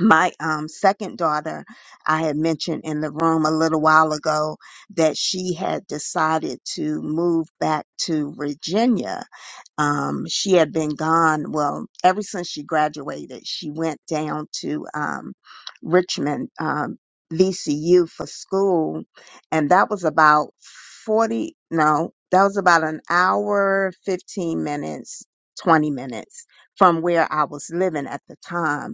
my um, second daughter, I had mentioned in the room a little while ago that she had decided to move back to Virginia. Um, she had been gone, well, ever since she graduated, she went down to um, Richmond, um, VCU for school. And that was about 40, no, that was about an hour, 15 minutes, 20 minutes from where I was living at the time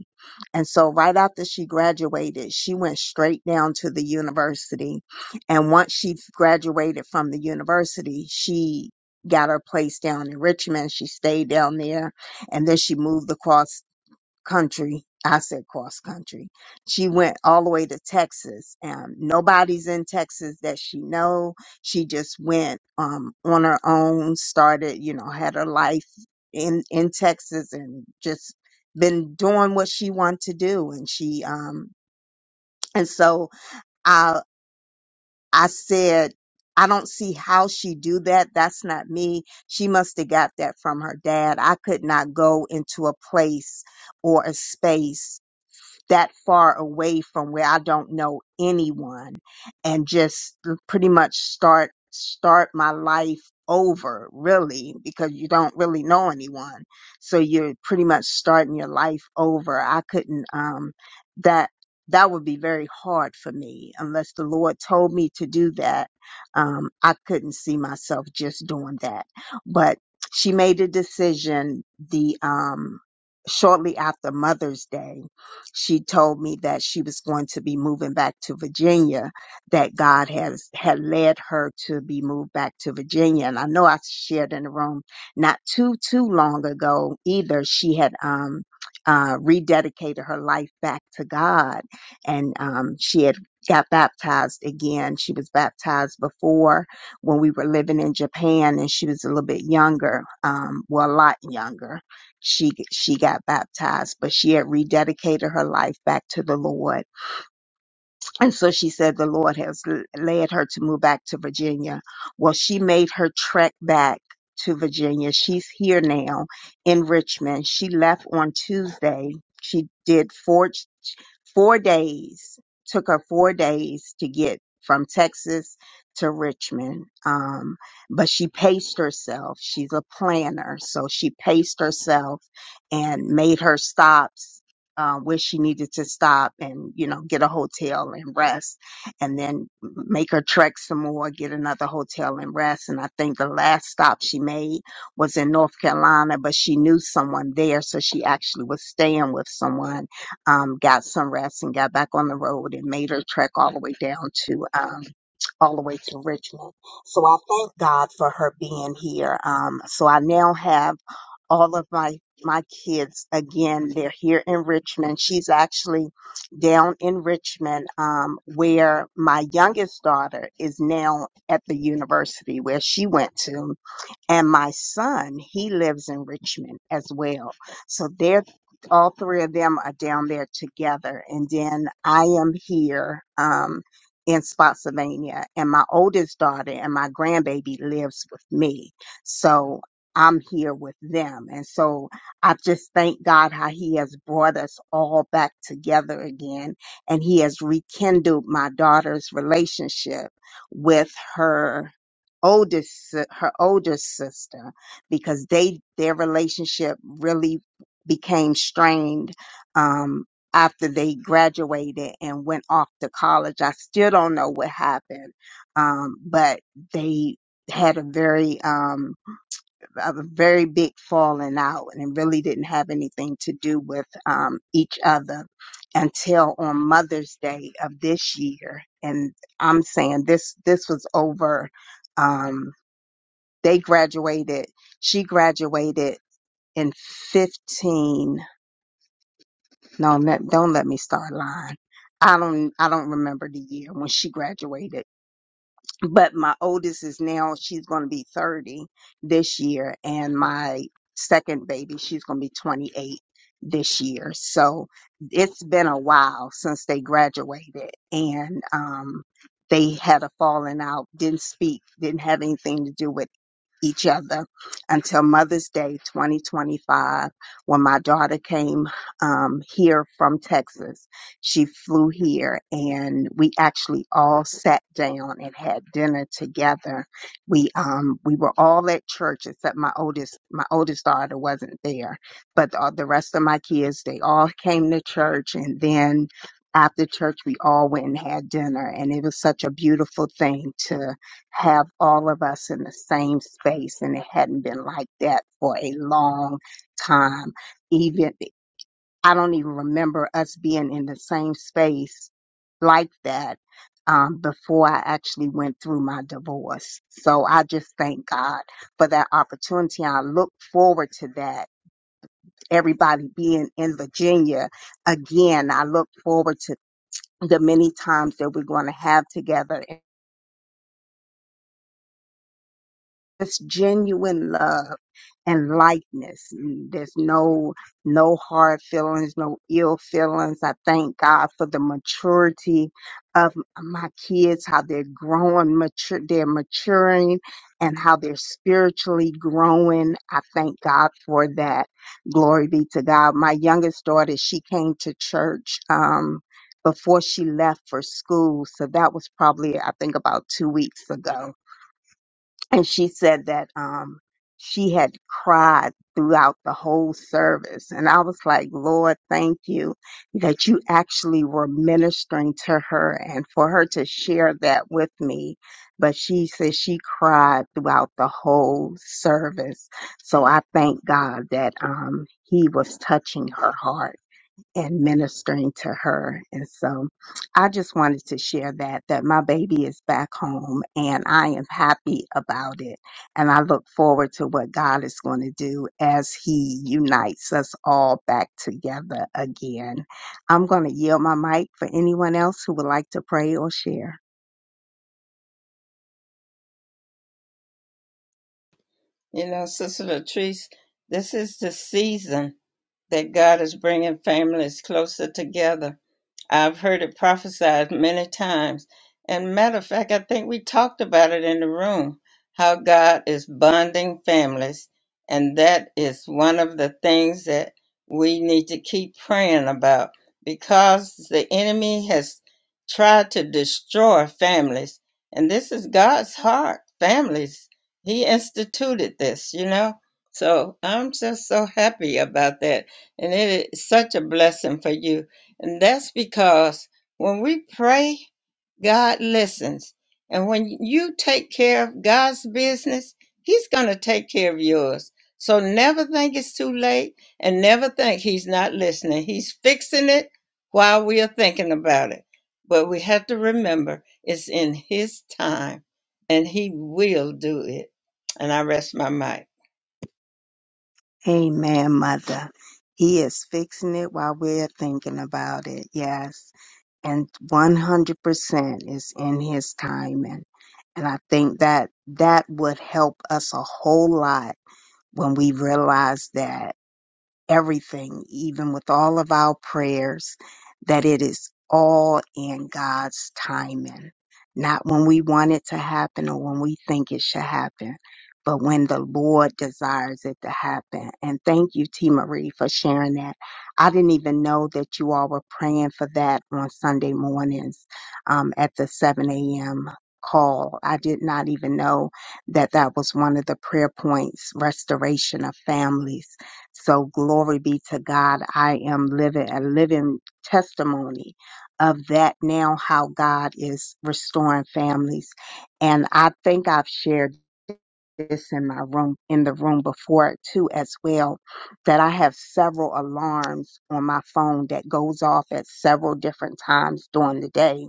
and so right after she graduated, she went straight down to the university. And once she graduated from the university, she got her place down in Richmond. She stayed down there and then she moved across country. I said cross country. She went all the way to Texas. Um, nobody's in Texas that she know. She just went um, on her own, started, you know, had her life in in Texas, and just been doing what she wanted to do. And she um, and so I I said. I don't see how she do that. That's not me. She must have got that from her dad. I could not go into a place or a space that far away from where I don't know anyone and just pretty much start start my life over really because you don't really know anyone so you're pretty much starting your life over i couldn't um that that would be very hard for me unless the lord told me to do that um i couldn't see myself just doing that but she made a decision the um shortly after mother's day she told me that she was going to be moving back to Virginia, that God has had led her to be moved back to Virginia. And I know I shared in the room not too too long ago either. She had um uh rededicated her life back to God and um she had got baptized again. She was baptized before when we were living in Japan and she was a little bit younger, um well a lot younger she she got baptized, but she had rededicated her life back to the Lord. And so she said the Lord has l- led her to move back to Virginia. Well, she made her trek back to Virginia. She's here now in Richmond. She left on Tuesday. She did four. Four days took her four days to get from Texas to Richmond. Um, but she paced herself. She's a planner, so she paced herself and made her stops. Uh, where she needed to stop and, you know, get a hotel and rest and then make her trek some more, get another hotel and rest. And I think the last stop she made was in North Carolina, but she knew someone there. So she actually was staying with someone um, got some rest and got back on the road and made her trek all the way down to um, all the way to Richmond. So I thank God for her being here. Um, so I now have all of my my kids again. They're here in Richmond. She's actually down in Richmond, um, where my youngest daughter is now at the university where she went to and my son, he lives in Richmond as well. So they're all three of them are down there together. And then I am here um, in Spotsylvania, and my oldest daughter and my grandbaby lives with me. So I'm here with them. And so I just thank God how He has brought us all back together again. And He has rekindled my daughter's relationship with her oldest si- her older sister because they their relationship really became strained um after they graduated and went off to college. I still don't know what happened. Um but they had a very um a very big falling out and it really didn't have anything to do with um each other until on Mother's Day of this year and I'm saying this this was over um they graduated. She graduated in 15. No, let, don't let me start lying. I don't, I don't remember the year when she graduated. But my oldest is now, she's going to be 30 this year. And my second baby, she's going to be 28 this year. So it's been a while since they graduated. And, um, they had a falling out, didn't speak, didn't have anything to do with each other until Mother's Day 2025, when my daughter came um, here from Texas. She flew here and we actually all sat down and had dinner together. We um, we were all at church except my oldest my oldest daughter wasn't there, but the, the rest of my kids they all came to church and then. After church, we all went and had dinner, and it was such a beautiful thing to have all of us in the same space and it hadn't been like that for a long time even i don't even remember us being in the same space like that um, before i actually went through my divorce so i just thank god for that opportunity i look forward to that everybody being in virginia again i look forward to the many times that we're going to have together It's genuine love and likeness. And There's no no hard feelings, no ill feelings. I thank God for the maturity of m- my kids, how they're growing, mature, they're maturing, and how they're spiritually growing. I thank God for that. Glory be to God. My youngest daughter, she came to church. Um, before she left for school. So that was probably, I think, about two weeks ago and she said that um she had cried throughout the whole service and i was like lord thank you that you actually were ministering to her and for her to share that with me but she said she cried throughout the whole service so i thank god that um he was touching her heart and ministering to her. And so I just wanted to share that that my baby is back home and I am happy about it. And I look forward to what God is going to do as he unites us all back together again. I'm going to yield my mic for anyone else who would like to pray or share.
You know, Sister Latrice, this is the season that God is bringing families closer together. I've heard it prophesied many times. And matter of fact, I think we talked about it in the room how God is bonding families. And that is one of the things that we need to keep praying about because the enemy has tried to destroy families. And this is God's heart, families. He instituted this, you know? So I'm just so happy about that. And it is such a blessing for you and that's because when we pray, God listens. And when you take care of God's business, He's going to take care of yours. So never think it's too late and never think He's not listening. He's fixing it while we are thinking about it. But we have to remember it's in His time and He will do it. And I rest my mic.
Amen, mother. He is fixing it while we're thinking about it. Yes. And 100% is in his timing. And I think that that would help us a whole lot when we realize that everything, even with all of our prayers, that it is all in God's timing. Not when we want it to happen or when we think it should happen, but when the Lord desires it to happen. And thank you, T. Marie, for sharing that. I didn't even know that you all were praying for that on Sunday mornings um, at the 7 a.m. call. I did not even know that that was one of the prayer points restoration of families so glory be to God. I am living a living testimony of that now, how God is restoring families. And I think I've shared this in my room, in the room before too, as well, that I have several alarms on my phone that goes off at several different times during the day.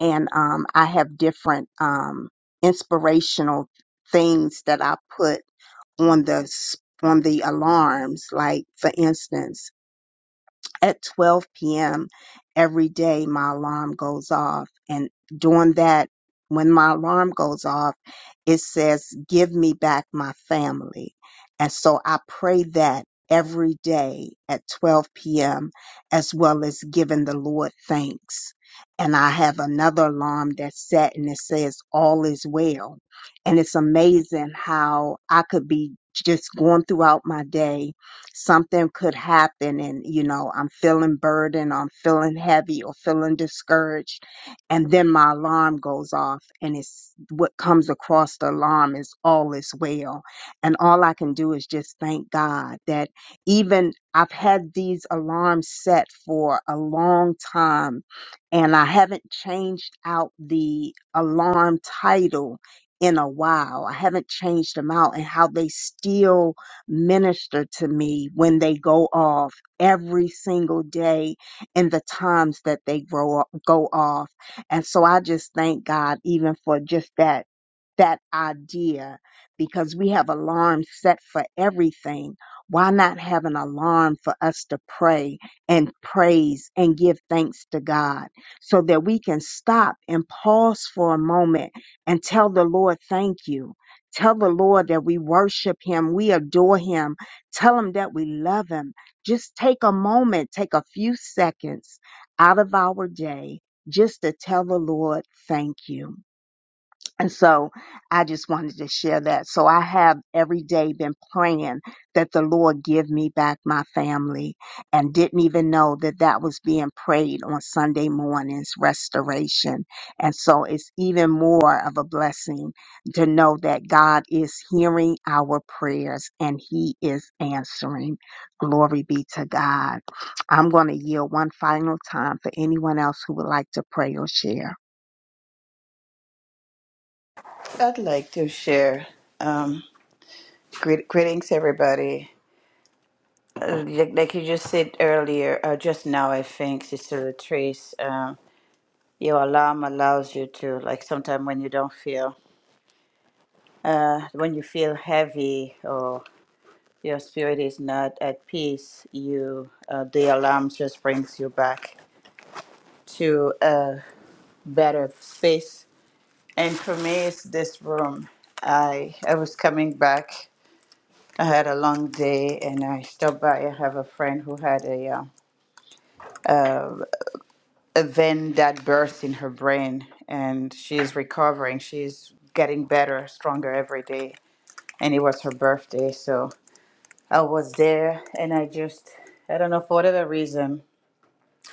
And, um, I have different, um, inspirational things that I put on the s- on the alarms. Like for instance, at 12 p.m. every day my alarm goes off and during that when my alarm goes off it says give me back my family and so I pray that every day at 12 p.m. as well as giving the Lord thanks and I have another alarm that's set and it says all is well and it's amazing how I could be just going throughout my day something could happen and you know i'm feeling burdened i'm feeling heavy or feeling discouraged and then my alarm goes off and it's what comes across the alarm is all is well and all i can do is just thank god that even i've had these alarms set for a long time and i haven't changed out the alarm title in a while i haven't changed them out and how they still minister to me when they go off every single day and the times that they grow up, go off. And so I just thank God even for just that, that idea because we have alarms set for everything. Why not have an alarm for us to pray and praise and give thanks to God so that we can stop and pause for a moment and tell the Lord, thank you. Tell the Lord that we worship him, we adore him. Tell him that we love him. Just take a moment, take a few seconds out of our day just to tell the Lord, thank you. And so I just wanted to share that. So I have every day been praying that the Lord give me back my family and didn't even know that that was being prayed on Sunday mornings, restoration. And so it's even more of a blessing to know that God is hearing our prayers and he is answering. Glory be to God. I'm going to yield one final time for anyone else who would like to pray or share.
I'd like to share. Um, greet, greetings, everybody. Uh, like, like you just said earlier, uh, just now, I think, Sister Latrice. your alarm allows you to like sometimes when you don't feel uh, when you feel heavy or your spirit is not at peace you uh, the alarm just brings you back to a better space and for me it's this room i i was coming back i had a long day and i stopped by i have a friend who had a uh, a vein that burst in her brain and she's recovering she's getting better stronger every day and it was her birthday. So I was there and I just, I don't know, for whatever reason,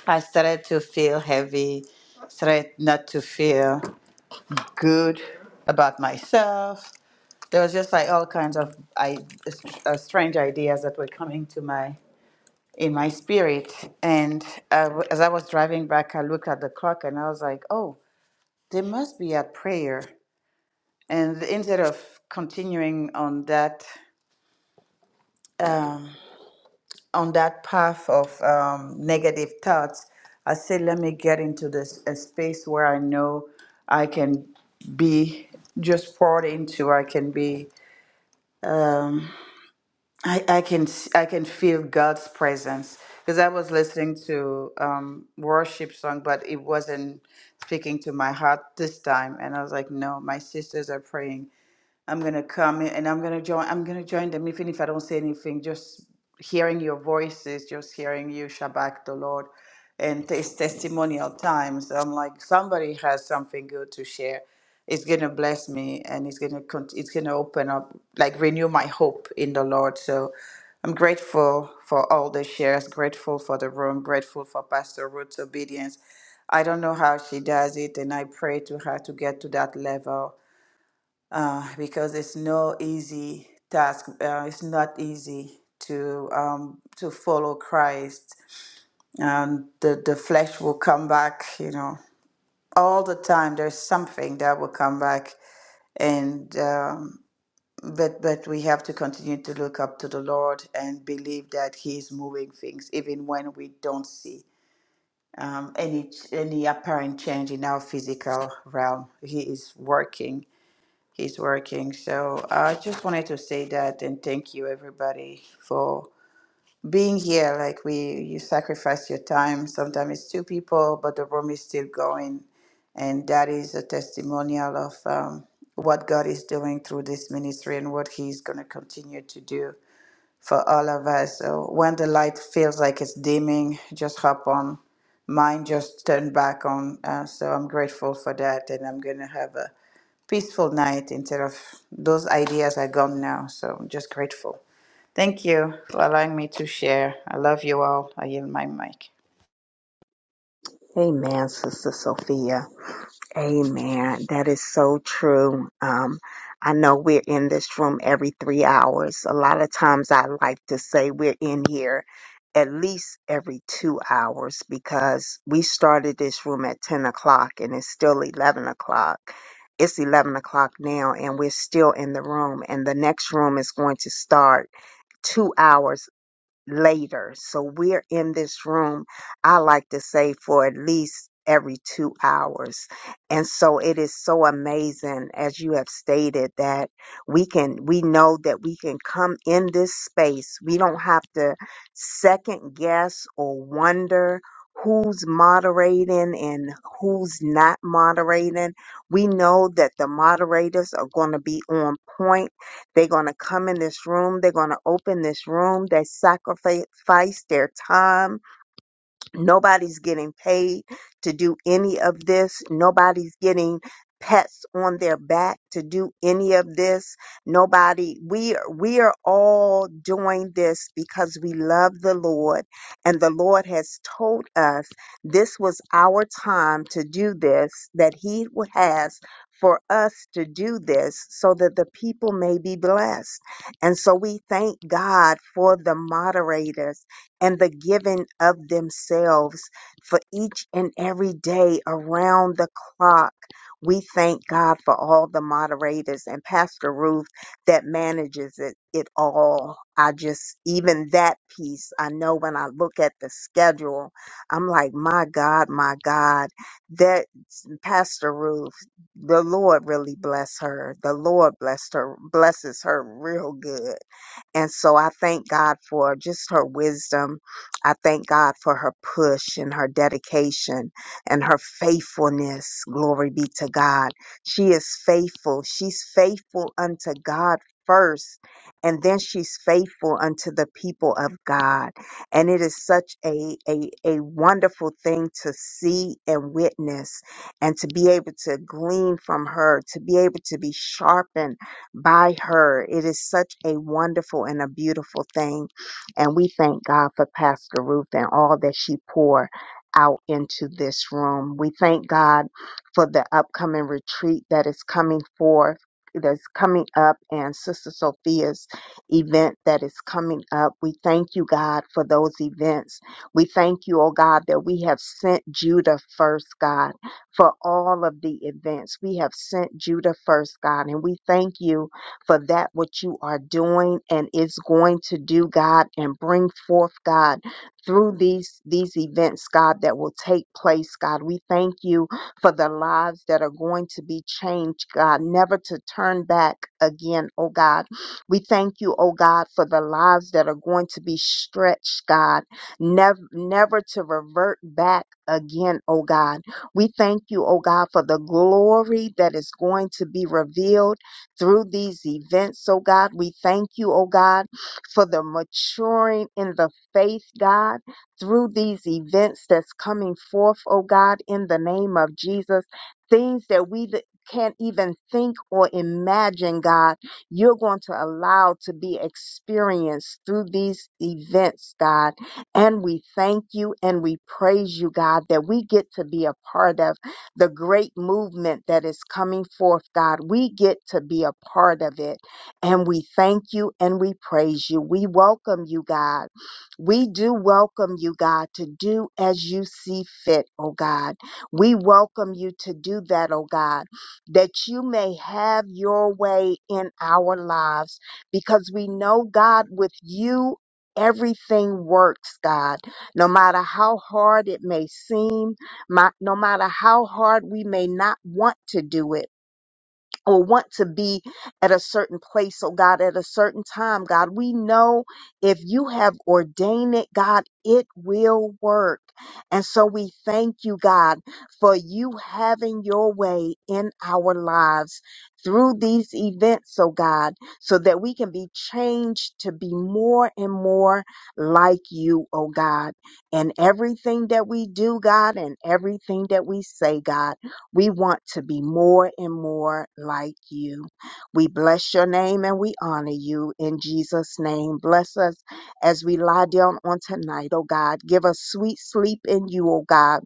I started to feel heavy, started not to feel good about myself. There was just like all kinds of I, uh, strange ideas that were coming to my in my spirit. And I w as I was driving back, I looked at the clock and I was like, "Oh, they must be at prayer." And instead of continuing on that uh, on that path of um, negative thoughts, I say, let me get into this a space where I know I can be just poured into. I can be, um, I, I can, s- I can feel God's presence because I was listening to um, worship song, but it wasn't speaking to my heart this time. And I was like, no, my sisters are praying. I'm gonna come in and I'm gonna join. I'm gonna join them, even if I don't say anything. Just hearing your voices, just hearing you shabak the Lord, and it's testimonial times. I'm like somebody has something good to share. It's gonna bless me, and it's gonna con- it's gonna open up, like renew my hope in the Lord. So I'm grateful for all the shares. Grateful for the room. Grateful for Pastor Ruth's obedience. I don't know how she does it, and I pray to her to get to that level uh, because it's no easy task. Uh, it's not easy to um, to follow Christ, and the the flesh will come back. You know, all the time there's something that will come back, and um, but but we have to continue to look up to the Lord and believe that He is moving things, even when we don't see. Um, any any apparent change in our physical realm, he is working He's working. So I just wanted to say that and thank you everybody for being here. Like we you sacrifice your time. Sometimes it's two people, but the room is still going. And that is a testimonial of um, what God is doing through this ministry and what He's going to continue to do for all of us. So when the light feels like it's dimming, just hop on. Mine just turned back on. Uh, so I'm grateful for that. And I'm going to have a peaceful night instead of those ideas are gone now. So I'm just grateful. Thank you for allowing me to share. I love you all. I yield my mic.
Amen, Sister Sophia. Amen. That is so true. Um, I know we're in this room every three hours. A lot of times I like to say we're in here at least every two hours because we started this room at 10 o'clock and it's still 11 o'clock. It's 11 o'clock now and we're still in the room and the next room is going to start two hours later. So we're in this room, I like to say, for at least every two hours. And so it is so amazing, as you have stated, that we can, we know that we can come in this space. We don't have to second guess or wonder who's moderating and who's not moderating. We know that the moderators are going to be on point they're going to come in this room. They're going to open this room. They sacrifice their time Nobody's getting paid to do any of this. Nobody's getting pets on their back to do any of this. Nobody, we are, we are all doing this because we love the Lord and the Lord has told us this was our time to do this, that he has for us to do this so that the people may be blessed. And so we thank God for the moderators and the giving of themselves for each and every day around the clock. We thank God for all the moderators and Pastor Ruth that manages it, it all. I just, even that piece, I know when I look at the schedule, I'm like, my God, my God, that Pastor Ruth, the Lord really bless her. The Lord blessed her, blesses her real good and so I thank God for just her wisdom. I thank God for her push and her dedication and her faithfulness. Glory be to God. She is faithful. She's faithful unto God first, and then she's faithful unto the people of God. And it is such a, a, a wonderful thing to see and witness and to be able to glean from her, to be able to be sharpened by her. It is such a wonderful and a beautiful thing. And we thank God for Pastor Ruth and all that she poured out into this room. We thank God for the upcoming retreat that is coming forth. That's coming up and Sister Sophia's event that is coming up. We thank you, God, for those events. We thank you, oh God, that we have sent Judah first, God for all of the events. We have sent Judah first, God, and we thank you for that, what you are doing and is going to do, God, and bring forth, God, through these, these events, God, that will take place, God. We thank you for the lives that are going to be changed, God, never to turn back again, oh God. We thank you, oh God, for the lives that are going to be stretched, God, never, never to revert back again, oh God. We thank you, oh God, for the glory that is going to be revealed through these events, oh God. We thank you, oh God, for the maturing in the faith, God, through these events that's coming forth, oh God, in the name of Jesus. Things that we th- can't even think or imagine, God, you're going to allow to be experienced through these events, God and we thank you and we praise you, God, that we get to be a part of the great movement that is coming forth, God. We get to be a part of it. And we thank you and we praise you. We welcome you, God. We do welcome you, God, to do as you see fit, oh God. We welcome you to do that, oh God, that you may have your way in our lives because we know, God, with you. Everything works, God. No matter how hard it may seem, my, no matter how hard we may not want to do it or want to be at a certain place, oh God, at a certain time, God. We know if you have ordained it, God, it will work. And so we thank you, God, for you having your way in our lives through these events, oh God, so that we can be changed to be more and more like you, oh God, in everything that we do, God, and everything that we say, God. We want to be more and more like you. We bless your name and we honor you in Jesus' name. Bless us as we lie down on tonight, oh God. Give us sweet sleep in you, oh God.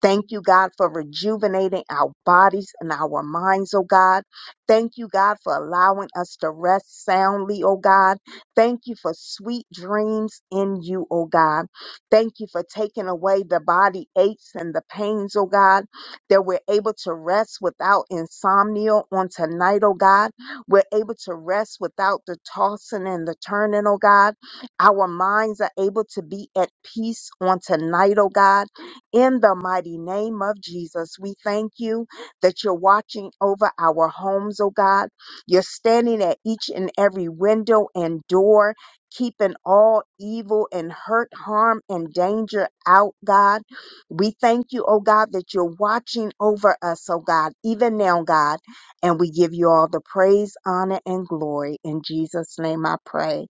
Thank you, God, for rejuvenating our bodies and our minds, oh God. Thank you, God, for allowing us to rest soundly, oh God. Thank you for sweet dreams in you, oh God. Thank you for taking away the body aches and the pains, oh God, that we're able to rest without insomnia on tonight, oh God. We're able to rest without the tossing and the turning, oh God. Our minds are able to be at peace on tonight, oh God in the mighty name of Jesus, we thank you that you're watching over our homes, oh God. You're standing at each and every window and door, keeping all evil and hurt, harm, and danger out, God. We thank you, oh God, that you're watching over us, oh God, even now, God. And we give you all the praise, honor, and glory. In Jesus' name I pray.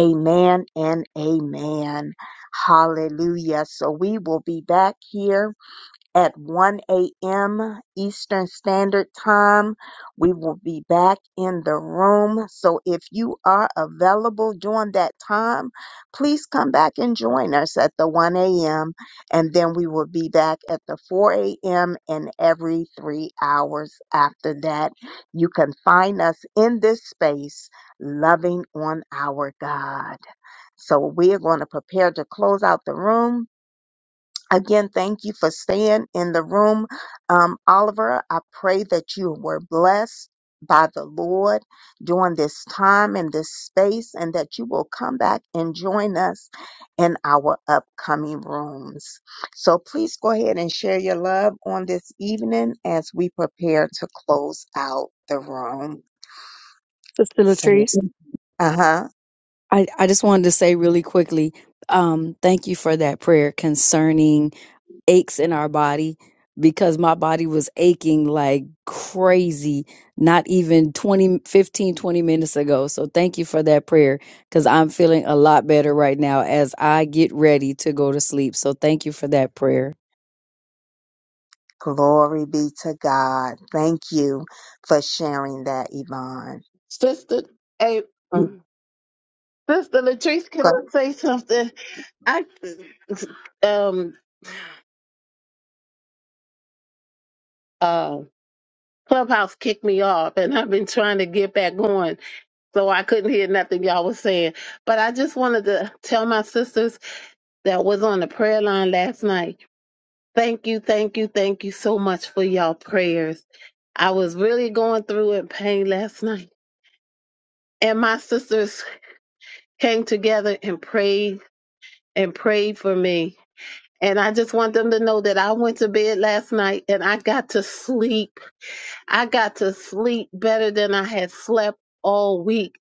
Amen and amen. Hallelujah. So we will be back here at 1 a.m. Eastern Standard Time. We will be back in the room. So if you are available during that time, please come back and join us at the 1 a.m. And then we will be back at the 4 a.m. and every three hours after that. You can find us in this space, loving on our God. So we are going to prepare to close out the room. Again, thank you for staying in the room. Um, Oliver, I pray that you were blessed by the Lord during this time and this space and that you will come back and join us in our upcoming rooms. So please go ahead and share your love on this evening as we prepare to close out the room.
Sister
So,
Latrice,
uh-huh.
I, I just wanted to say really quickly, um, thank you for that prayer concerning aches in our body because my body was aching like crazy not even 20 15 twenty minutes ago so thank you for that prayer because i'm feeling a lot better right now as i get ready to go to sleep so thank you for that prayer
Glory be to God. Thank you for sharing that, Yvonne.
Sister, hey,
You
um, Sister Latrice, can I
go-
say something? I um uh Clubhouse kicked me off and I've been trying to get back on so I couldn't hear nothing y'all was saying. But I just wanted to tell my sisters that was on the prayer line last night. Thank you, thank you, thank you so much for y'all prayers. I was really going through in pain last night. And my sisters came together and prayed and prayed for me. And I just want them to know that I went to bed last night and I got to sleep. I got to sleep better than I had slept all week.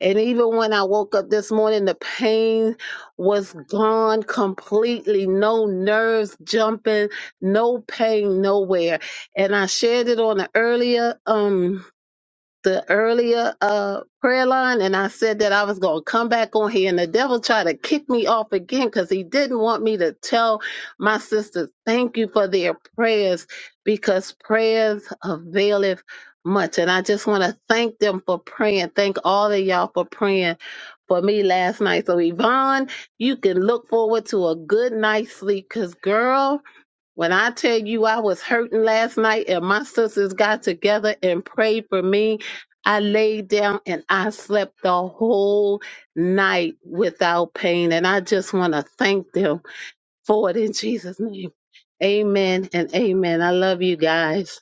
And even when I woke up this morning, the pain was gone completely. No nerves jumping, no pain nowhere. And I shared it on an earlier um the earlier uh prayer line and I said that I was going to come back on here and the devil tried to kick me off again cuz he didn't want me to tell my sisters thank you for their prayers because prayers availeth much and I just want to thank them for praying thank all of y'all for praying for me last night so Yvonne you can look forward to a good night's sleep cuz girl when I tell you I was hurting last night and my sisters got together and prayed for me, I laid down and I slept the whole night without pain. And I just want to thank them for it in Jesus' name. Amen and amen. I love you guys.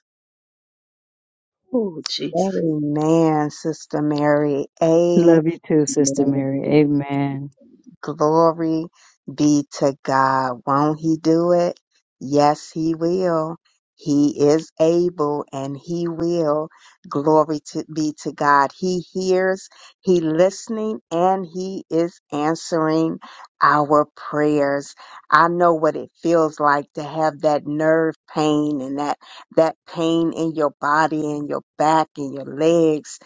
Oh, Jesus.
Amen, Sister Mary.
love you too sister mary
Amen.
amen
Glory be to God. Won't He do it? Yes, He will. He is able and He will. Glory to be to God. He hears, He listening, and He is answering our prayers. I know what it feels like to have that nerve pain and that, that pain in your body and your back and your legs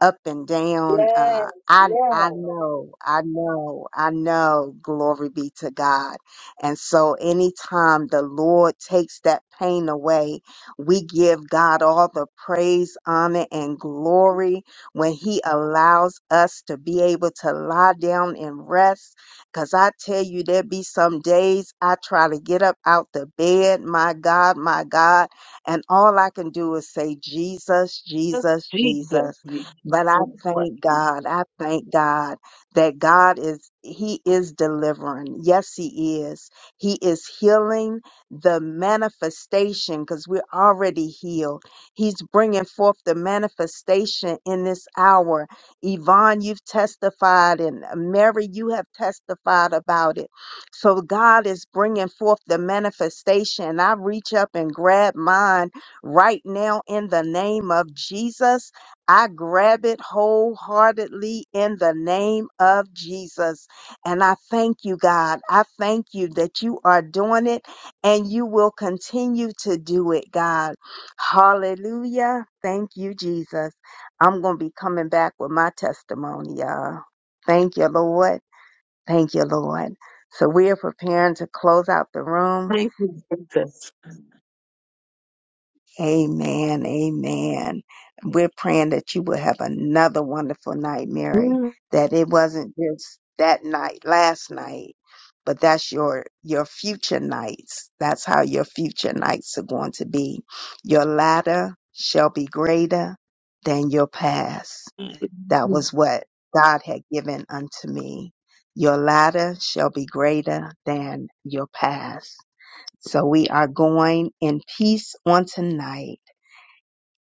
up and down.
Yes,
Uh, I I
yes.
know, I know, I know. Glory be to God. And so, anytime the Lord takes that pain away, we give God all the praise, honor, and glory when He allows us to be able to lie down and rest. Cause I tell you, there be some days I try to get up out the bed. My God, my God, and all I can do is say, Jesus, Jesus,
Jesus.
Jesus. But I
Jesus.
thank God. I thank God that God is, He is delivering. Yes, He is. He is healing the manifestation because we're already healed. He's bringing forth the manifestation in this hour. Yvonne, you've testified, and uh, Mary, you have testified about it. So God is bringing forth the manifestation. I reach up and grab mine right now in the name of Jesus I grab it wholeheartedly in the name of Jesus. And I thank you, God. I thank you that you are doing it and you will continue to do it, God. Hallelujah. Thank you, Jesus. I'm going to be coming back with my testimony, y'all. Thank you, Lord. Thank you, Lord. So we are preparing to close out the room.
Thank you, Jesus.
Amen. Amen. We're praying that you will have another wonderful night, Mary.
Mm.
That it wasn't just that night, last night, but that's your your future nights. That's how your future nights are going to be. Your latter shall be greater than your past. That was what God had given unto me. Your latter shall be greater than your past. So we are going in peace on tonight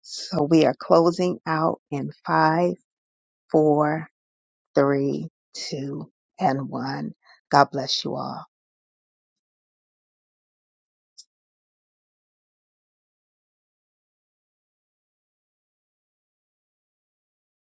so we are closing out in five, four, three, two, and one. God bless you all.